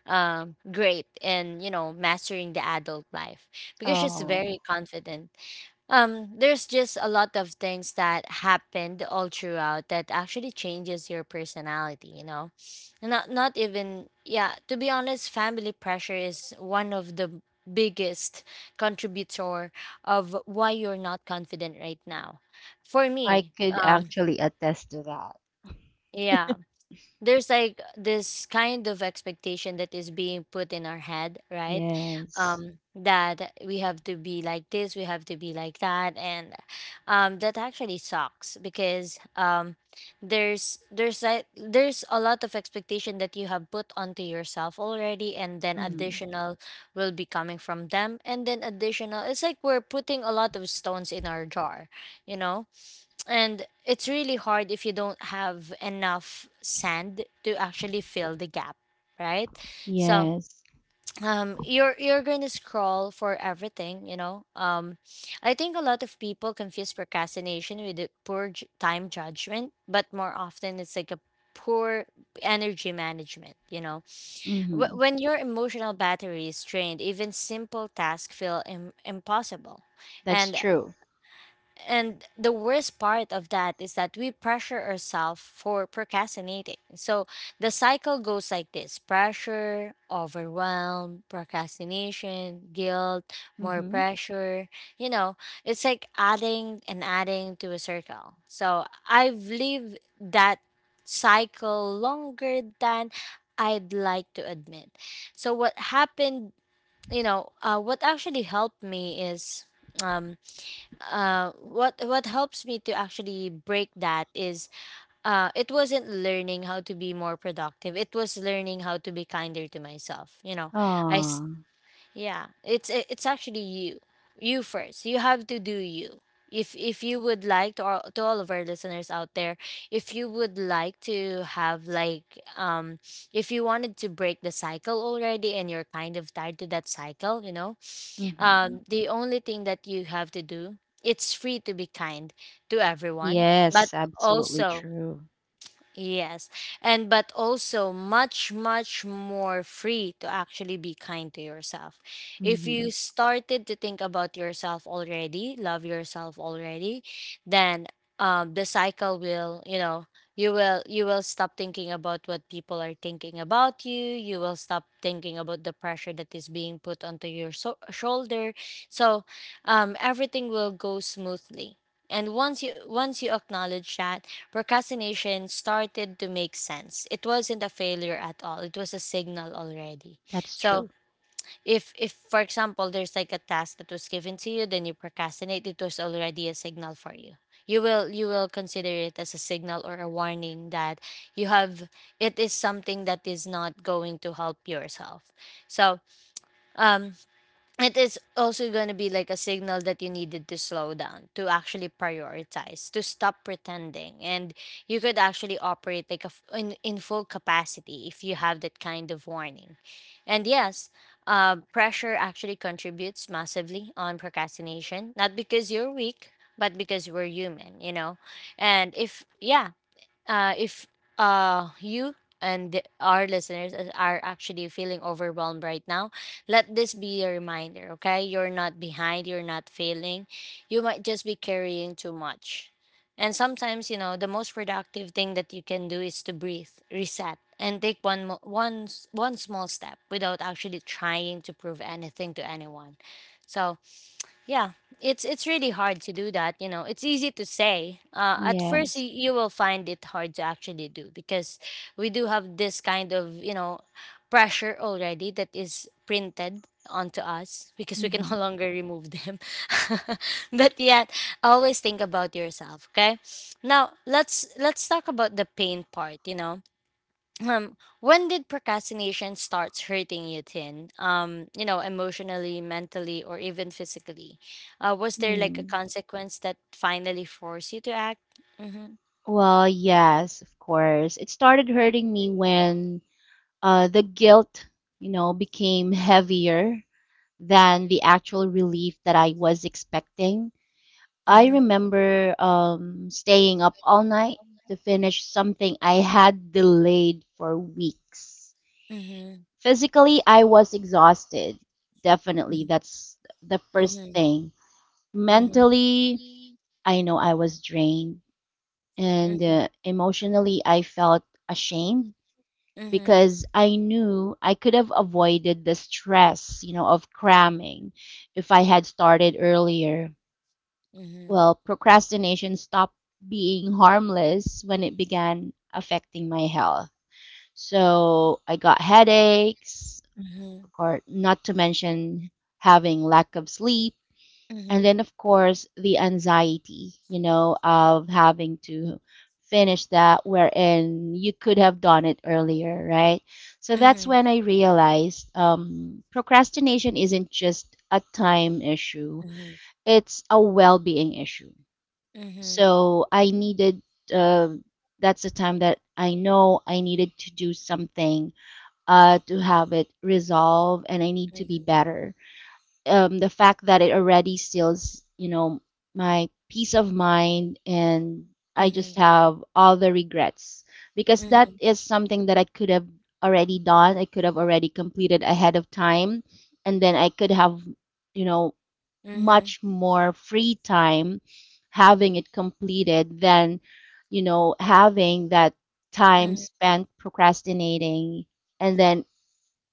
[SPEAKER 1] um great in, you know, mastering the adult life, because she's very
[SPEAKER 2] Oh,
[SPEAKER 1] confident. Um, there's just a lot of things that happened all throughout that actually changes your personality, you know. Not not even, yeah, to be honest, family pressure is one of the biggest contributor of why you're not confident right now. For
[SPEAKER 2] I
[SPEAKER 1] me,
[SPEAKER 2] could
[SPEAKER 1] um
[SPEAKER 2] actually attest to that.
[SPEAKER 1] yeah, there's like this kind of expectation that is being put in our head, right?
[SPEAKER 2] Yes.
[SPEAKER 1] Um that we have to be like this, we have to be like that, and um that actually sucks because um there's there's like there's a lot of expectation that you have put onto yourself already, and then
[SPEAKER 2] Mhm.
[SPEAKER 1] additional will be coming from them, and then additional, it's like we're putting a lot of stones in our jar, you know, and it's really hard if you don't have enough sand to actually fill the gap, right? So
[SPEAKER 2] Yes.
[SPEAKER 1] [tsk] um you're you're going to scroll for everything, you know. Um i think a lot of people confuse procrastination with the poor j- time judgment, but more often it's like a poor energy management, you know. Wh-
[SPEAKER 2] Mhm.
[SPEAKER 1] when your emotional battery is drained, even simple tasks feel Im- impossible,
[SPEAKER 2] That's
[SPEAKER 1] and
[SPEAKER 2] true.
[SPEAKER 1] and the worst part of that is that we pressure ourselves for procrastinating. So the cycle goes like this: pressure, overwhelm, procrastination, guilt, more
[SPEAKER 2] Mhm.
[SPEAKER 1] pressure. You know, it's like adding and adding to a circle. So I've lived that cycle longer than I'd like to admit. So what happened, you know, uh, what actually helped me is. Um, uh what what helps me to actually break that is uh it wasn't learning how to be more productive, it was learning how to be kinder to myself, you know. i s-
[SPEAKER 2] Oh.
[SPEAKER 1] yeah, it's it- it's actually you you first, you have to do you. If if you would like to all, to all of our listeners out there, if you would like to have like um if you wanted to break the cycle already and you're kind of tired to that cycle, you know,
[SPEAKER 2] Mhm.
[SPEAKER 1] um, the only thing that you have to do, it's free to be kind to everyone, but
[SPEAKER 2] Yes, absolutely
[SPEAKER 1] also
[SPEAKER 2] true.
[SPEAKER 1] Yes. And but also much much more free to actually be kind to yourself. If you
[SPEAKER 2] Mhm.
[SPEAKER 1] started to think about yourself already, love yourself already, then um the cycle will, you know, you will you will stop thinking about what people are thinking about you. You will stop thinking about the pressure that is being put onto your so- shoulder. So, um everything will go smoothly. And once you once you acknowledge that, procrastination started to make sense. It wasn't a failure at all. It was a signal already.
[SPEAKER 2] That's
[SPEAKER 1] So
[SPEAKER 2] true.
[SPEAKER 1] if if for example there's like a task that was given to you, then you procrastinate, it was already a signal for you. You will you will consider it as a signal or a warning that you have it is something that is not going to help yourself. So um it is also going to be like a signal that you needed to slow down, to actually prioritize, to stop pretending, and you could actually operate like a f- in, in full capacity if you have that kind of warning. And yes, uh, pressure actually contributes massively on procrastination, not because you're weak, but because we're human, you know. And if yeah uh, if uh, you and our listeners is- are actually feeling overwhelmed right now, let this be a reminder, okay? You're not behind, you're not failing. You might just be carrying too much. And sometimes, you know, the most productive thing that you can do is to breathe, reset, and take one, mo- one, s- one small step without actually trying to prove anything to anyone. So, yeah, it's it's really hard to do that. You know, it's easy to say. Uh, at first, y-
[SPEAKER 2] Yes.
[SPEAKER 1] you will find it hard to actually do, because we do have this kind of, you know, pressure already that is printed onto us, because we can [laughs] no
[SPEAKER 2] Mhm.
[SPEAKER 1] longer remove them. [laughs] But yet, always think about yourself. Okay, now let's let's talk about the pain part. You know, um, when did procrastination starts hurting you, Tin? Um, you know, emotionally, mentally, or even physically? Uh, was there like a
[SPEAKER 2] Mm.
[SPEAKER 1] consequence that finally forced you to act? Mm-hmm.
[SPEAKER 2] Well, yes, of course. It started hurting me when, uh, the guilt, you know, became heavier than the actual relief that I was expecting. I
[SPEAKER 1] Mm-hmm.
[SPEAKER 2] remember, um, staying up all night to finish something I had delayed for weeks.
[SPEAKER 1] Mm-hmm.
[SPEAKER 2] Physically, I was exhausted. Definitely, that's the first
[SPEAKER 1] Mm-hmm.
[SPEAKER 2] thing.
[SPEAKER 1] Mm-hmm.
[SPEAKER 2] Mentally, I know I was drained. And,
[SPEAKER 1] Mm-hmm.
[SPEAKER 2] uh, emotionally, I felt ashamed,
[SPEAKER 1] Mm-hmm.
[SPEAKER 2] because I knew I could have avoided the stress, you know, of cramming if I had started earlier.
[SPEAKER 1] Mm-hmm.
[SPEAKER 2] Well, procrastination stopped being harmless when it began affecting my health. So I got headaches,
[SPEAKER 1] Mm-hmm.
[SPEAKER 2] or not to mention having lack of sleep,
[SPEAKER 1] Mm-hmm.
[SPEAKER 2] and
[SPEAKER 1] Mm-hmm.
[SPEAKER 2] then of course the anxiety, you know of having to finish that, wherein you could have done it earlier, right? So that's
[SPEAKER 1] Mm-hmm.
[SPEAKER 2] when I realized, um, procrastination isn't just a time issue,
[SPEAKER 1] Mm-hmm.
[SPEAKER 2] it's a well-being issue.
[SPEAKER 1] Mm-hmm.
[SPEAKER 2] So I needed, uh, that's the time that I know I needed to do something, uh, to have it resolved, and I need to be
[SPEAKER 1] Mm-hmm.
[SPEAKER 2] better. Um, the fact that it already steals, you know, my peace of mind, and I just have all the regrets, because that
[SPEAKER 1] Mm-hmm.
[SPEAKER 2] is something that I could have already done. I could have already completed ahead of time, and then I could have, you know, much more free time having it completed than, you know, having that time spent procrastinating and then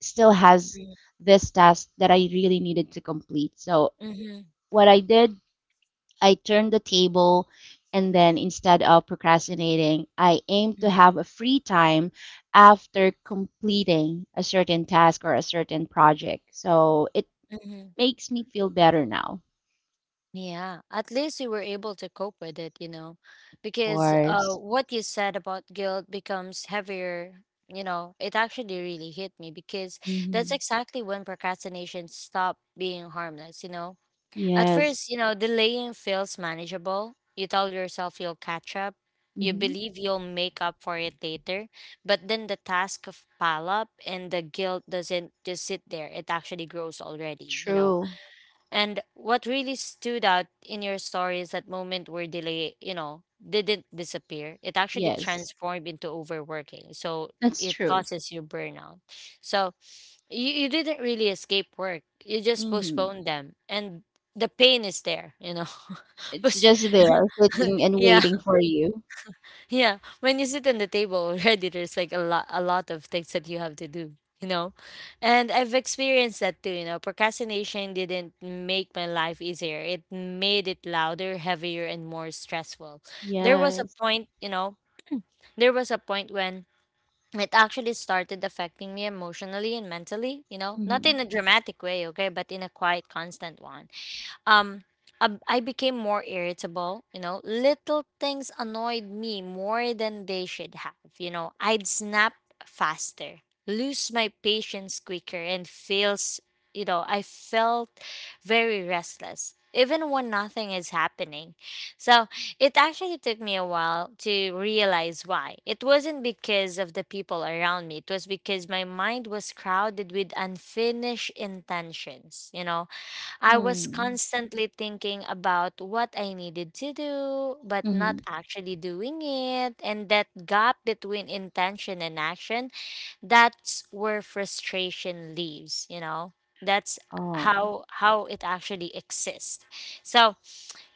[SPEAKER 2] still has this task that I really needed to complete. So
[SPEAKER 1] Mm-hmm.
[SPEAKER 2] what I did, I turned the table, and then instead of procrastinating, I aimed to have a free time after completing a certain task or a certain project. So it
[SPEAKER 1] Mm-hmm.
[SPEAKER 2] makes me feel better now.
[SPEAKER 1] Yeah, at least you were able to cope with it, you know,
[SPEAKER 2] Of
[SPEAKER 1] because uh,
[SPEAKER 2] course.
[SPEAKER 1] what you said about guilt becomes heavier. You know, it actually really hit me because that's
[SPEAKER 2] Hmm.
[SPEAKER 1] exactly when procrastination stopped being harmless. You know, at first,
[SPEAKER 2] Yes.
[SPEAKER 1] you know, delaying feels manageable. You tell yourself you'll catch up, you
[SPEAKER 2] Hmm.
[SPEAKER 1] believe you'll make up for it later, but then the task of pile up and the guilt doesn't just sit there, it actually grows already, you know
[SPEAKER 2] True.
[SPEAKER 1] And what really stood out in your story is that moment where delay, you know, didn't disappear. It actually
[SPEAKER 2] Yes.
[SPEAKER 1] transformed into overworking. So
[SPEAKER 2] That's
[SPEAKER 1] it
[SPEAKER 2] true.
[SPEAKER 1] causes you burnout. So you, you didn't really escape work. You just
[SPEAKER 2] Hmm.
[SPEAKER 1] postponed them. And the pain is there, you know. [laughs]
[SPEAKER 2] It's
[SPEAKER 1] But
[SPEAKER 2] just there sitting and
[SPEAKER 1] yeah.
[SPEAKER 2] waiting for you.
[SPEAKER 1] Yeah, when you sit on the table already, there's like a lot, a lot of things that you have to do, you know. And I've experienced that too, you know. Procrastination didn't make my life easier; it made it louder, heavier, and more stressful. There was a
[SPEAKER 2] Yes.
[SPEAKER 1] point, you know, there was a point when it actually started affecting me emotionally and mentally, you know, not
[SPEAKER 2] Hmm.
[SPEAKER 1] in a dramatic way, okay, but in a quiet, constant one um ab- I became more irritable, you know. Little things annoyed me more than they should have, you know. I'd snap faster, lose my patience quicker and feels, you know, I felt very restless even when nothing is happening. So, it actually took me a while to realize why. It wasn't because of the people around me. It was because my mind was crowded with unfinished intentions, you know I was
[SPEAKER 2] Mm.
[SPEAKER 1] constantly thinking about what I needed to do, but not
[SPEAKER 2] Mhm.
[SPEAKER 1] actually doing it. And that gap between intention and action, that's where frustration leaves you know That's
[SPEAKER 2] Oh.
[SPEAKER 1] how how it actually exists. So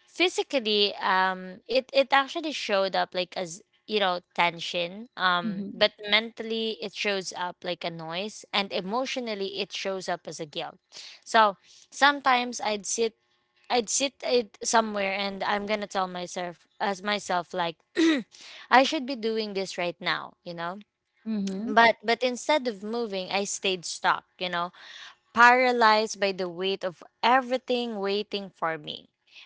[SPEAKER 1] physically, um it it actually showed up like as, you know tension. Um
[SPEAKER 2] Mhm.
[SPEAKER 1] but mentally it shows up like a noise, and emotionally it shows up as a guilt. So sometimes i'd sit i'd sit it somewhere and I'm gonna tell myself as myself like [clears throat] I should be doing this right now you know
[SPEAKER 2] Mhm.
[SPEAKER 1] but but instead of moving, I stayed stuck, you know, paralyzed by the weight of everything waiting for me.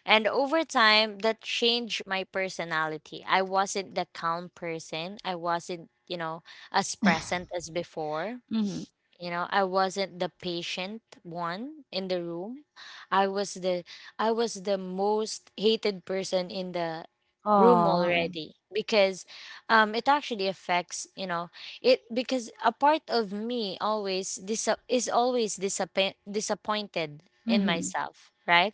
[SPEAKER 1] And over time, that changed my personality. I wasn't the calm person. I wasn't, you know, as present as before.
[SPEAKER 2] Mhm.
[SPEAKER 1] You know, I wasn't the patient one in the room. I was the I was the most hated person in the room
[SPEAKER 2] Oh.
[SPEAKER 1] already because um it actually affects, you know, it because a part of me always dis- is always disappoint disappointed in
[SPEAKER 2] Mhm.
[SPEAKER 1] myself, right?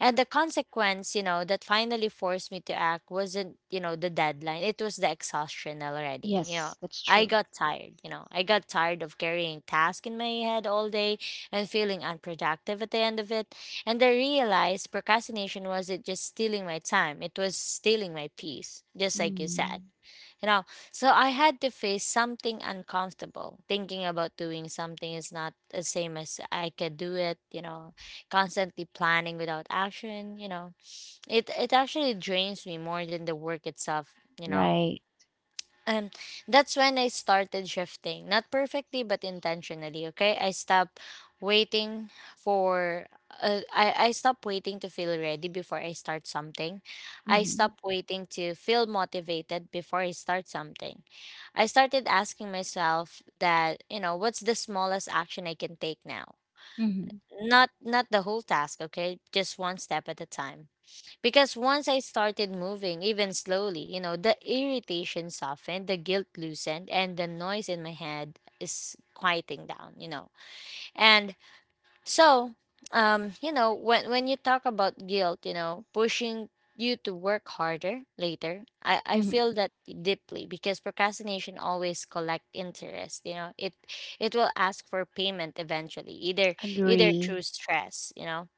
[SPEAKER 1] And the consequence, you know, that finally forced me to act wasn't, you know, the deadline. It was the exhaustion already. You know,
[SPEAKER 2] Yes, that's
[SPEAKER 1] I
[SPEAKER 2] true.
[SPEAKER 1] got tired, you know. I got tired of carrying tasks in my head all day and feeling unproductive at the end of it. And I realized procrastination wasn't just stealing my time, it was stealing my peace, just like you said.
[SPEAKER 2] Mm.
[SPEAKER 1] You know, so I had to face something uncomfortable. Thinking about doing something is not the same as I could do it, you know, constantly planning without action, you know. It it actually drains me more than the work itself, you know
[SPEAKER 2] Right.
[SPEAKER 1] um that's when I started shifting. Not perfectly but intentionally, okay? I stopped waiting for uh, I I stopped waiting to feel ready before I start something. I
[SPEAKER 2] Mhm.
[SPEAKER 1] stopped waiting to feel motivated before I start something. I started asking myself that, you know, what's the smallest action I can take now?
[SPEAKER 2] Mhm.
[SPEAKER 1] Not not the whole task, okay? Just one step at a time. Because once I started moving, even slowly, you know, the irritation softened, the guilt loosened, and the noise in my head is quieting down, you know. And so, um, you know, when when you talk about guilt, you know, pushing you to work harder later, I, I
[SPEAKER 2] Mhm.
[SPEAKER 1] feel that deeply because procrastination always collect interest, you know. It it will ask for payment eventually, either either
[SPEAKER 2] Agree.
[SPEAKER 1] through stress, you know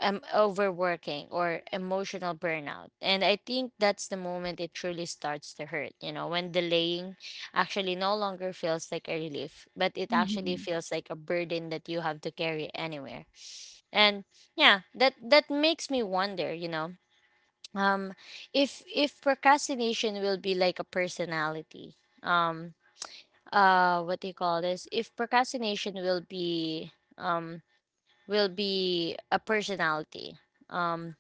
[SPEAKER 1] um, overworking or emotional burnout. And I think that's the moment it truly starts to hurt, you know, when delaying actually no longer feels like a relief, but it actually
[SPEAKER 2] Mhm.
[SPEAKER 1] feels like a burden that you have to carry anywhere. And yeah, that that makes me wonder, you know, um if if procrastination will be like a personality. Um uh what do you call this? If procrastination will be um will be a personality. Um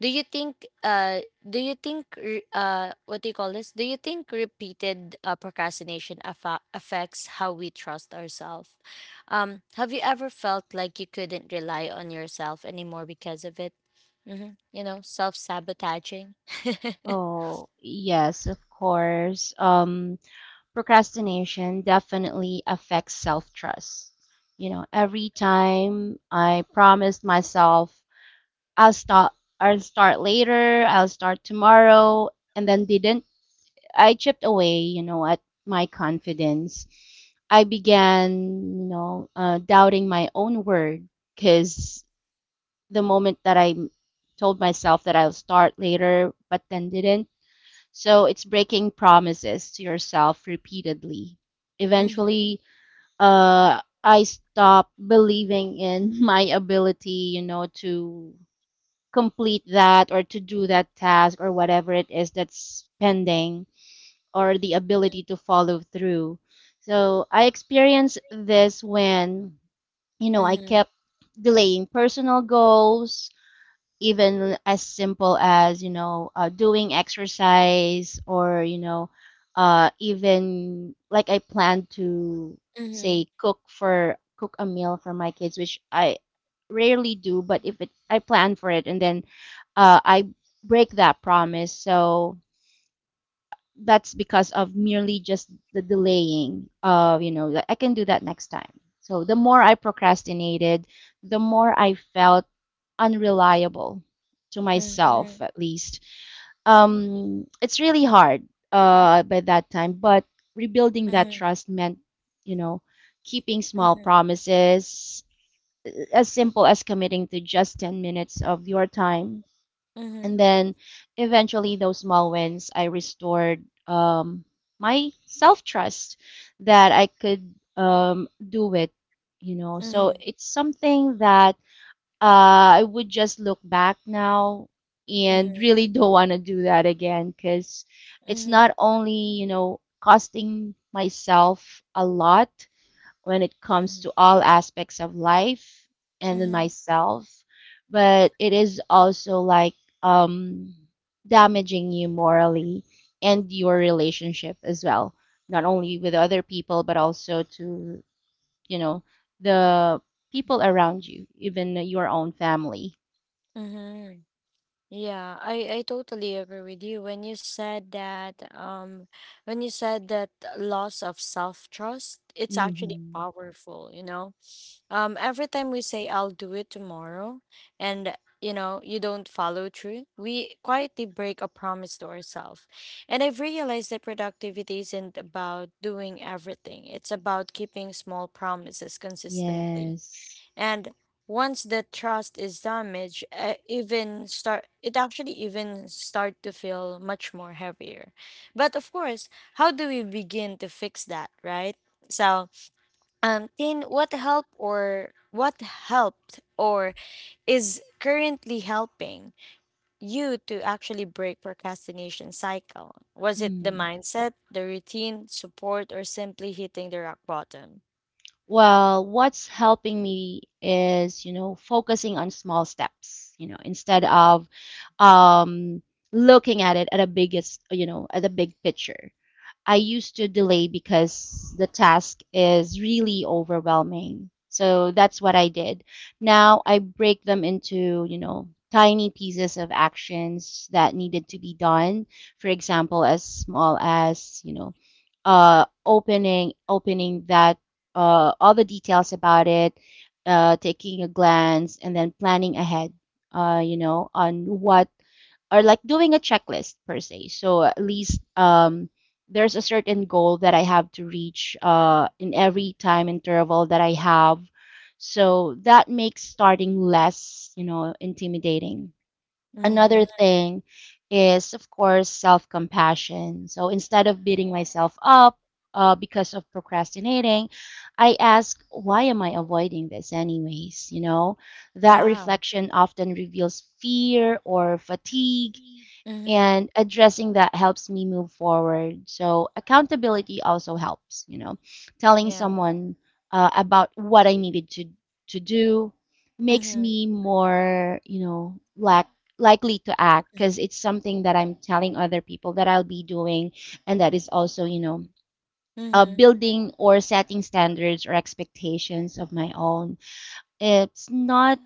[SPEAKER 1] do you think uh do you think re- uh What do you call this? Do you think repeated uh, procrastination affa affects how we trust ourselves? Um have you ever felt like you couldn't rely on yourself anymore because of it? Mhm. You know, self-sabotaging. [laughs]
[SPEAKER 2] Oh, yes, of course. Um, procrastination definitely affects self-trust. You know, every time I promised myself I'll start I'll start later, I'll start tomorrow, and then didn't, I chipped away, you know, at my confidence. I began, you know, uh, doubting my own word, because the moment that I m- told myself that I'll start later, but then didn't. So it's breaking promises to yourself repeatedly.
[SPEAKER 1] Mhm.
[SPEAKER 2] Eventually, uh, I stopped believing in [laughs] my ability, you know, to complete that or to do that task or whatever it is that's pending, or the ability to follow through. So I experienced this when, you know, I
[SPEAKER 1] Mhm.
[SPEAKER 2] kept delaying personal goals, even as simple as, you know, uh, doing exercise, or, you know, uh, even like I planned to
[SPEAKER 1] Mhm.
[SPEAKER 2] say cook for cook a meal for my kids, which I rarely do, but if it I plan for it and then uh, I break that promise. So that's because of merely just the delaying of, you know like, I can do that next time. So the more I procrastinated, the more I felt unreliable, to myself
[SPEAKER 1] Mhm.
[SPEAKER 2] at least. Um it's really hard uh by that time, but rebuilding that
[SPEAKER 1] Mhm.
[SPEAKER 2] trust meant, you know keeping small
[SPEAKER 1] Mhm.
[SPEAKER 2] promises, uh, as simple as committing to just ten minutes of your time. And
[SPEAKER 1] Mhm.
[SPEAKER 2] then eventually those small wins, I restored, um, my self-trust, that I could, um, do it, you know so
[SPEAKER 1] Mhm.
[SPEAKER 2] it's something that uh, I would just look back now and really [laughs] don't want to do that again, because it's
[SPEAKER 1] Mhm.
[SPEAKER 2] not only, you know costing myself a lot when it comes
[SPEAKER 1] Mhm.
[SPEAKER 2] to all aspects of life and in
[SPEAKER 1] Mhm.
[SPEAKER 2] myself, but it is also like, um, damaging you morally and your relationship as well, not only with other people, but also to, you know, the people around you, even your own family.
[SPEAKER 1] Mhm. Yeah, I I totally agree with you when you said that um when you said that loss of self-trust, it's actually
[SPEAKER 2] Hmm.
[SPEAKER 1] powerful, you know. Um every time we say I'll do it tomorrow and you know, you don't follow through, we quietly break a promise to ourselves. And I've realized that productivity isn't about doing everything. It's about keeping small promises consistently.
[SPEAKER 2] Yes.
[SPEAKER 1] And once the trust is damaged, uh, even start it actually even start to feel much more heavier. But of course, how do we begin to fix that, right? So, um, Tin, what help or what helped or is currently helping you to actually break procrastination cycle? Was it the mindset, the routine, support, or simply hitting the rock bottom?
[SPEAKER 2] Well, what's helping me is, you know, focusing on small steps, you know, instead of, um, looking at it at a biggest, you know, at a big picture. I used to delay because the task is really overwhelming. So that's what I did. Now I break them into, you know, tiny pieces of actions that needed to be done. For example, as small as, you know, uh, opening opening that, uh, all the details about it, uh, taking a glance, and then planning ahead. Uh, you know, on what, or like doing a checklist per se. So at least, um, there's a certain goal that I have to reach uh, in every time interval that I have. So that makes starting less, you know, intimidating. Another
[SPEAKER 1] Mm-hmm.
[SPEAKER 2] thing is, of course, self compassion. So instead of beating myself up uh, because of procrastinating, I ask, why am I avoiding this, anyways? You know, that
[SPEAKER 1] Yeah.
[SPEAKER 2] reflection often reveals fear or fatigue,
[SPEAKER 1] Mm-hmm.
[SPEAKER 2] and addressing that helps me move forward. So accountability also helps, you know, telling
[SPEAKER 1] Yeah.
[SPEAKER 2] someone uh, about what I needed to to do makes
[SPEAKER 1] Mm-hmm.
[SPEAKER 2] me more, you know, lack likely to act, because
[SPEAKER 1] Mhm.
[SPEAKER 2] it's something that I'm telling other people that I'll be doing, and that is also, you know. Uh,
[SPEAKER 1] Mhm.
[SPEAKER 2] building or setting standards or expectations of my own. It's not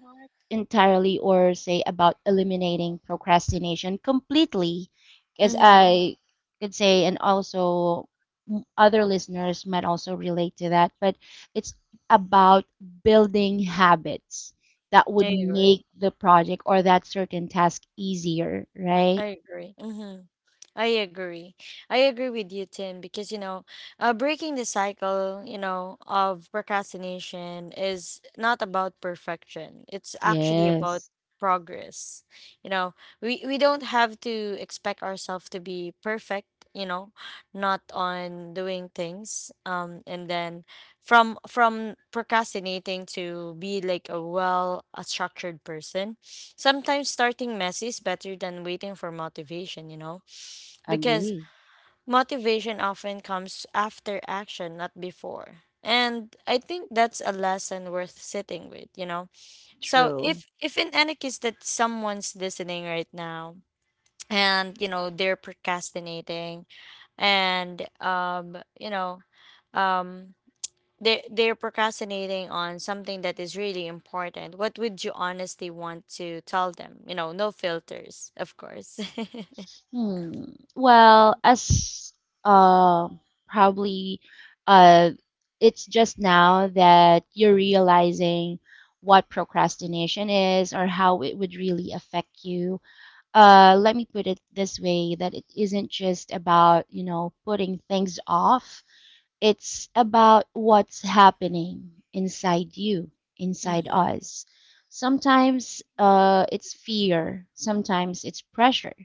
[SPEAKER 2] entirely or say about eliminating procrastination completely, because
[SPEAKER 1] Mhm.
[SPEAKER 2] I could say, and also m- other listeners might also relate to that, but it's about building habits that would
[SPEAKER 1] I
[SPEAKER 2] make
[SPEAKER 1] agree.
[SPEAKER 2] the project or that certain task easier, right?
[SPEAKER 1] I agree. Mhm. I agree. I agree with you, Tim, because you know, uh, breaking the cycle, you know, of procrastination is not about perfection. It's actually about
[SPEAKER 2] Yes,
[SPEAKER 1] progress. You know, we we don't have to expect ourselves to be perfect. You know, Not on doing things. Um, and then from from procrastinating to be like a well a structured person. Sometimes starting messy is better than waiting for motivation. You know because
[SPEAKER 2] agree.
[SPEAKER 1] motivation often comes after action, not before. And I think that's a lesson worth sitting with, you know. So
[SPEAKER 2] True.
[SPEAKER 1] if if in any case that someone's listening right now and you know they're procrastinating and um you know um they they're procrastinating on something that is really important, what would you honestly want to tell them? You know, no filters, of course. [laughs]
[SPEAKER 2] Hmm. Well, as uh, probably uh, it's just now that you're realizing what procrastination is or how it would really affect you. Uh, let me put it this way, that it isn't just about, you know, putting things off. It's about what's happening inside you, inside
[SPEAKER 1] Mm-hmm,
[SPEAKER 2] us. Sometimes uh, it's fear, sometimes it's pressure,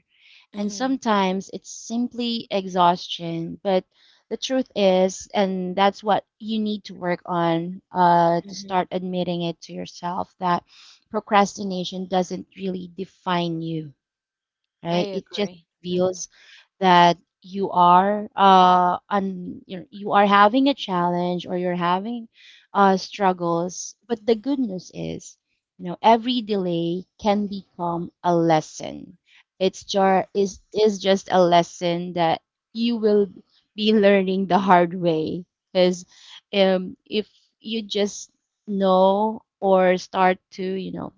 [SPEAKER 2] and
[SPEAKER 1] mm-hmm,
[SPEAKER 2] sometimes it's simply exhaustion. But the truth is, and that's what you need to work on, uh, to start admitting it to yourself, that procrastination doesn't really define you,
[SPEAKER 1] I
[SPEAKER 2] right? It just
[SPEAKER 1] agree. Mm-hmm.
[SPEAKER 2] reveals that you are uh un, you know, you are having a challenge or you're having uh struggles. But the good news is, you know, every delay can become a lesson. It's jar is is just a lesson that you will be learning the hard way. Because, um, if you just know or start to, you know,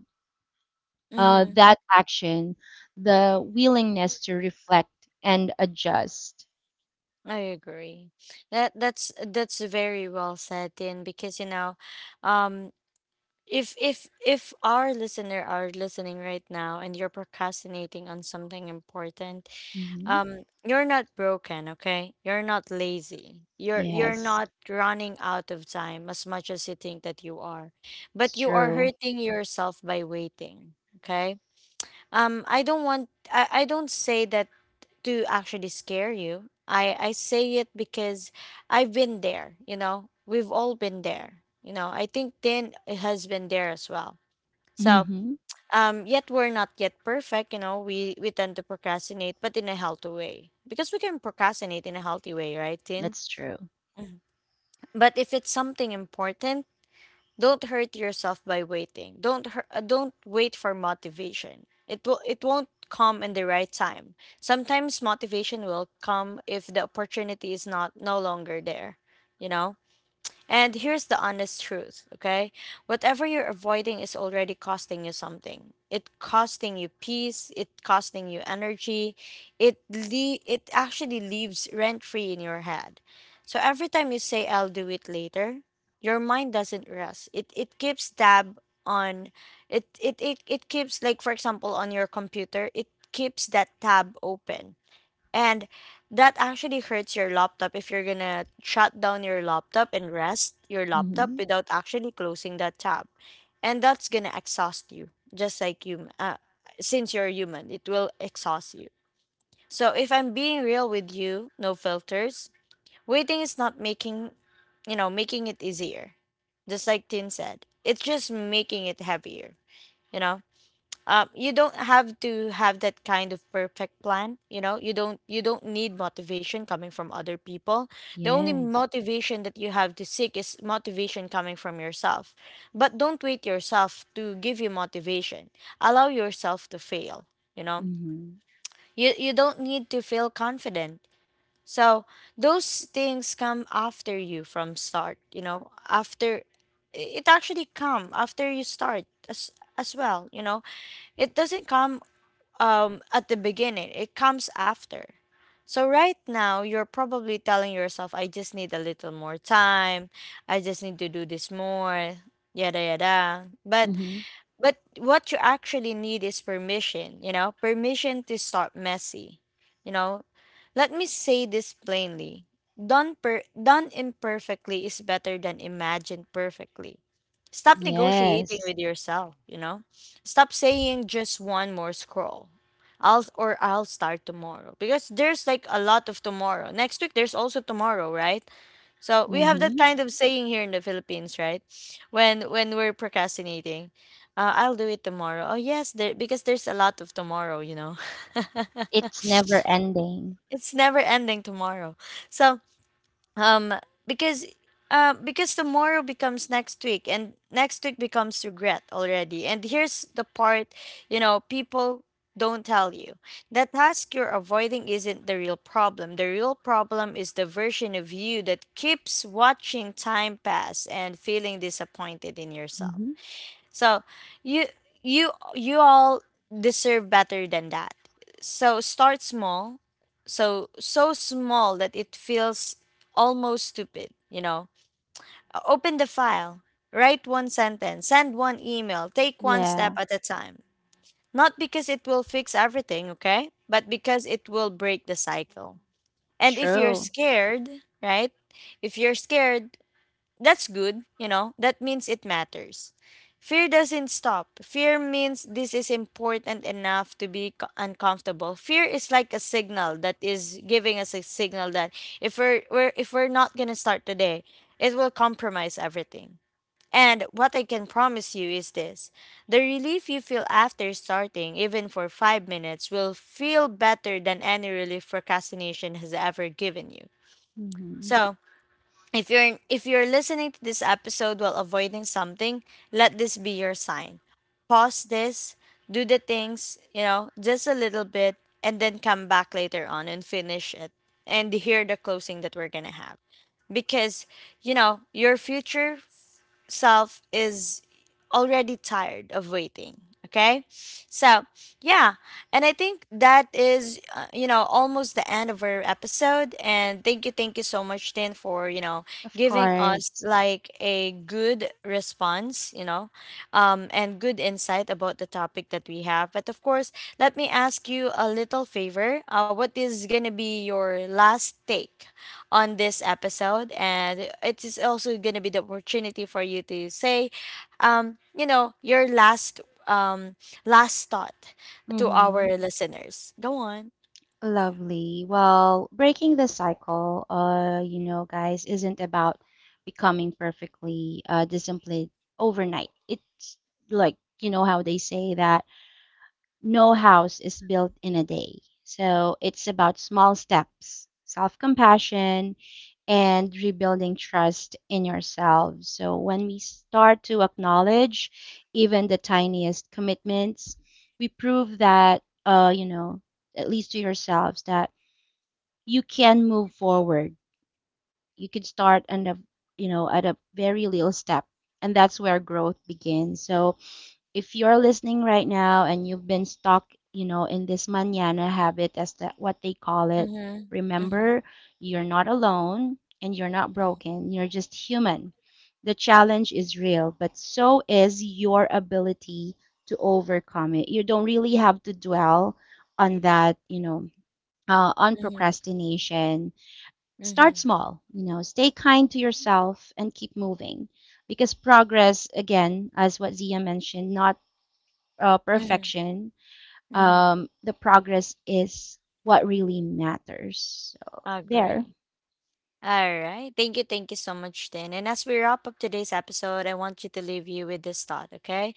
[SPEAKER 2] uh,
[SPEAKER 1] Mm-hmm.
[SPEAKER 2] that action, the willingness to reflect and adjust.
[SPEAKER 1] I agree. That that's that's very well said, Tin, because you know, um, if if if our listener are listening right now and you're procrastinating on something important,
[SPEAKER 2] Hmm.
[SPEAKER 1] um, you're not broken, okay? You're not lazy. You're you're
[SPEAKER 2] Yes,
[SPEAKER 1] not running out of time as much as you think that you are,
[SPEAKER 2] it's
[SPEAKER 1] but you are
[SPEAKER 2] true.
[SPEAKER 1] hurting yourself by waiting. Okay. Um, I don't want. I, I don't say that to actually scare you. I, I say it because I've been there, you know, we've all been there. You know, I think Dan has been there as well. So,
[SPEAKER 2] Hmm.
[SPEAKER 1] um, yet we're not yet perfect, you know, we, we tend to procrastinate, but in a healthy way. Because we can procrastinate in a healthy way, right, Tin?
[SPEAKER 2] That's true.
[SPEAKER 1] But if it's something important, don't hurt yourself by waiting. Don't hur- uh, don't wait for motivation. It will it won't come in the right time. Sometimes motivation will come if the opportunity is not no longer there, you know? And here's the honest truth, okay? Whatever you're avoiding is already costing you something. It costing you peace, it costing you energy. It le- it actually leaves rent free in your head. So every time you say I'll do it later, your mind doesn't rest. It it keeps tab on it it it, it keeps, like, for example, on your computer, it keeps that tab open and that actually hurts your laptop if you're gonna shut down your laptop and rest your laptop
[SPEAKER 2] Hmm.
[SPEAKER 1] without actually closing that tab. And that's gonna exhaust you, just like you, uh, since you're human, it will exhaust you. So if I'm being real with you, no filters, waiting is not making, you know, making it easier. Just like Tin said, it's just making it heavier, you know? Um, you don't have to have that kind of perfect plan, you know. You don't you don't need motivation coming from other people. The only
[SPEAKER 2] Yes.
[SPEAKER 1] motivation that you have to seek is motivation coming from yourself, but don't wait yourself to give you motivation. Allow yourself to fail, you know.
[SPEAKER 2] Hmm.
[SPEAKER 1] You you don't need to feel confident. So those things come after you from start, you know, after it actually come after you start as as well, you know. It doesn't come um, at the beginning, it comes after. So, right now, you're probably telling yourself, I just need a little more time. I just need to do this more, yada, yada. But
[SPEAKER 2] Hmm.
[SPEAKER 1] but what you actually need is permission, you know, permission to start messy. You know, let me say this plainly. Done per done imperfectly is better than imagined perfectly. Stop negotiating
[SPEAKER 2] Yes.
[SPEAKER 1] with yourself, you know? Stop saying just one more scroll. I'll or I'll start tomorrow because there's like a lot of tomorrow. Next week there's also tomorrow, right? So we have that
[SPEAKER 2] Hmm.
[SPEAKER 1] kind of [laughs] saying here in the Philippines, right? When when we're procrastinating, uh, I'll do it tomorrow. Oh yes, there because there's a lot of tomorrow, you know. [laughs]
[SPEAKER 2] It's never ending.
[SPEAKER 1] It's never ending tomorrow. So um because uh because tomorrow becomes next week, and next week becomes regret already. And here's the part, you know, people don't tell you: the task you're avoiding isn't the real problem. The real problem is the version of you that keeps watching time pass and feeling disappointed in yourself.
[SPEAKER 2] Hmm.
[SPEAKER 1] So you you you all deserve better than that. So start small. So so small that it feels almost stupid, you know. O- Open the file, write one sentence, send one email, take one step
[SPEAKER 2] Yeah,
[SPEAKER 1] at a time. Not because it will fix everything, okay? But because it will break the cycle. And if you're
[SPEAKER 2] true.
[SPEAKER 1] scared, right? If you're scared, that's good, you know, that means it matters. Fear doesn't stop. Fear means this is important enough to be co- uncomfortable. Fear is like a signal that is giving us a signal that if we're, we're if we're not going to start today, it will compromise everything. And what I can promise you is this. The relief you feel after starting, even for five minutes, will feel better than any relief procrastination has ever given you.
[SPEAKER 2] Hmm.
[SPEAKER 1] So, if you're if you're listening to this episode while avoiding something, let this be your sign. Pause this, do the things, you know, just a little bit, and then come back later on and finish it. And hear the closing that we're going to have because, you know, your future self is already tired of waiting, okay? So yeah, and I think that is uh, you know, almost the end of our episode. And thank you thank you so much, Tin, for, you know,
[SPEAKER 2] Of
[SPEAKER 1] giving us
[SPEAKER 2] course.
[SPEAKER 1] like a good response, you know. Um, and good insight about the topic that we have. But of course, let me ask you a little favor. Uh, what is gonna be your last take on this episode? And it is also going to be the opportunity for you to say, um, you know, your last um last thought to
[SPEAKER 2] Hmm.
[SPEAKER 1] our listeners. Go on.
[SPEAKER 2] Lovely. Well, breaking the cycle, uh, you know, guys, isn't about becoming perfectly uh, disciplined overnight. It's like, you know, how they say that no house is built in a day. So it's about small steps, self-compassion, and rebuilding trust in yourselves. So when we start to acknowledge even the tiniest commitments, we prove that, uh, you know, at least to yourselves, that you can move forward. You can start and a you know at a very little step, and that's where growth begins. So if you're listening right now and you've been stuck, you know, in this mañana habit, as that what they call it,
[SPEAKER 1] Mm-hmm. Mm-hmm.
[SPEAKER 2] remember, you're not alone, and you're not broken. You're just human. The challenge is real, but so is your ability to overcome it. You don't really have to dwell on that, you know, uh, on
[SPEAKER 1] Mm-hmm.
[SPEAKER 2] procrastination.
[SPEAKER 1] Mm-hmm.
[SPEAKER 2] Start small, you know, stay kind to yourself and keep moving, because progress, again, as what Zia mentioned, not uh,
[SPEAKER 1] Mm-hmm.
[SPEAKER 2] perfection.
[SPEAKER 1] Hmm.
[SPEAKER 2] Um, the progress is what really matters. So, there.
[SPEAKER 1] Agree. All right. Thank you. Thank you so much, Tin. And as we wrap up today's episode, I want you to leave you with this thought, okay?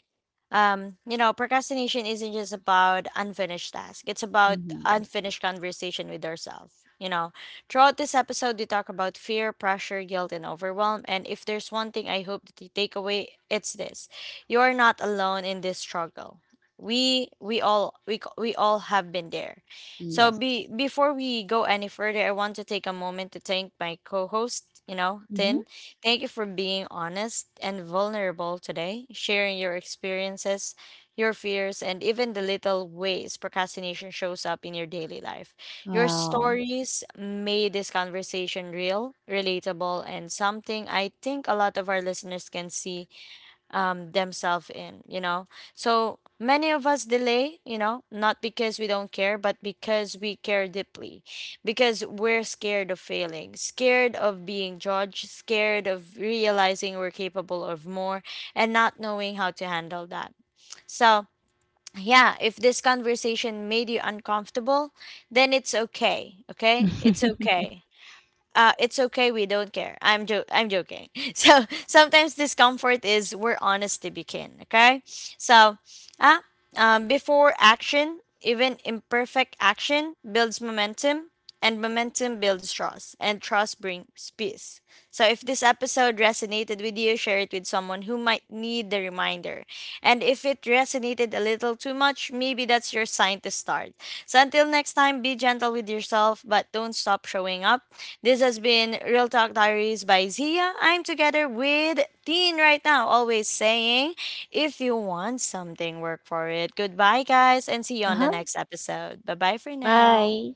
[SPEAKER 1] Um, you know, procrastination isn't just about unfinished tasks. It's about
[SPEAKER 2] Hmm.
[SPEAKER 1] unfinished conversation with ourselves. You know, throughout this episode, we talk about fear, pressure, guilt, and overwhelm. And if there's one thing I hope that you take away, it's this: you are not alone in this struggle. We we all we c- we all have been there. So be
[SPEAKER 2] Yes.
[SPEAKER 1] before we go any further, I want to take a moment to thank my co-host, you know,
[SPEAKER 2] Mm-hmm.
[SPEAKER 1] Tin. Thank you for being honest and vulnerable today, sharing your experiences, your fears, and even the little ways procrastination shows up in your daily life. Your
[SPEAKER 2] Well,
[SPEAKER 1] stories made this conversation real, relatable, and something I think a lot of our listeners can see um, themselves in, you know? So many of us delay, you know, not because we don't care, but because we care deeply, because we're scared of failing, scared of being judged, scared of realizing we're capable of more and not knowing how to handle that. So, yeah, if this conversation made you uncomfortable, then it's okay. Okay? It's okay,
[SPEAKER 2] [laughs]
[SPEAKER 1] uh, it's okay. We don't care. I'm jo- I'm joking. [laughs] So sometimes discomfort is where honesty begin. Okay, so ah, um, before action, even imperfect action builds momentum, and momentum builds trust, and trust brings peace. So if this episode resonated with you, share it with someone who might need the reminder. And if it resonated a little too much, maybe that's your sign to start. So until next time, be gentle with yourself, but don't stop showing up. This has been Real Talk Diaries by Zia. I'm together with Teen right now, always saying, if you want something, work for it. Goodbye, guys, and see you on the
[SPEAKER 2] uh-huh.
[SPEAKER 1] next episode. Bye bye for now.
[SPEAKER 2] Bye.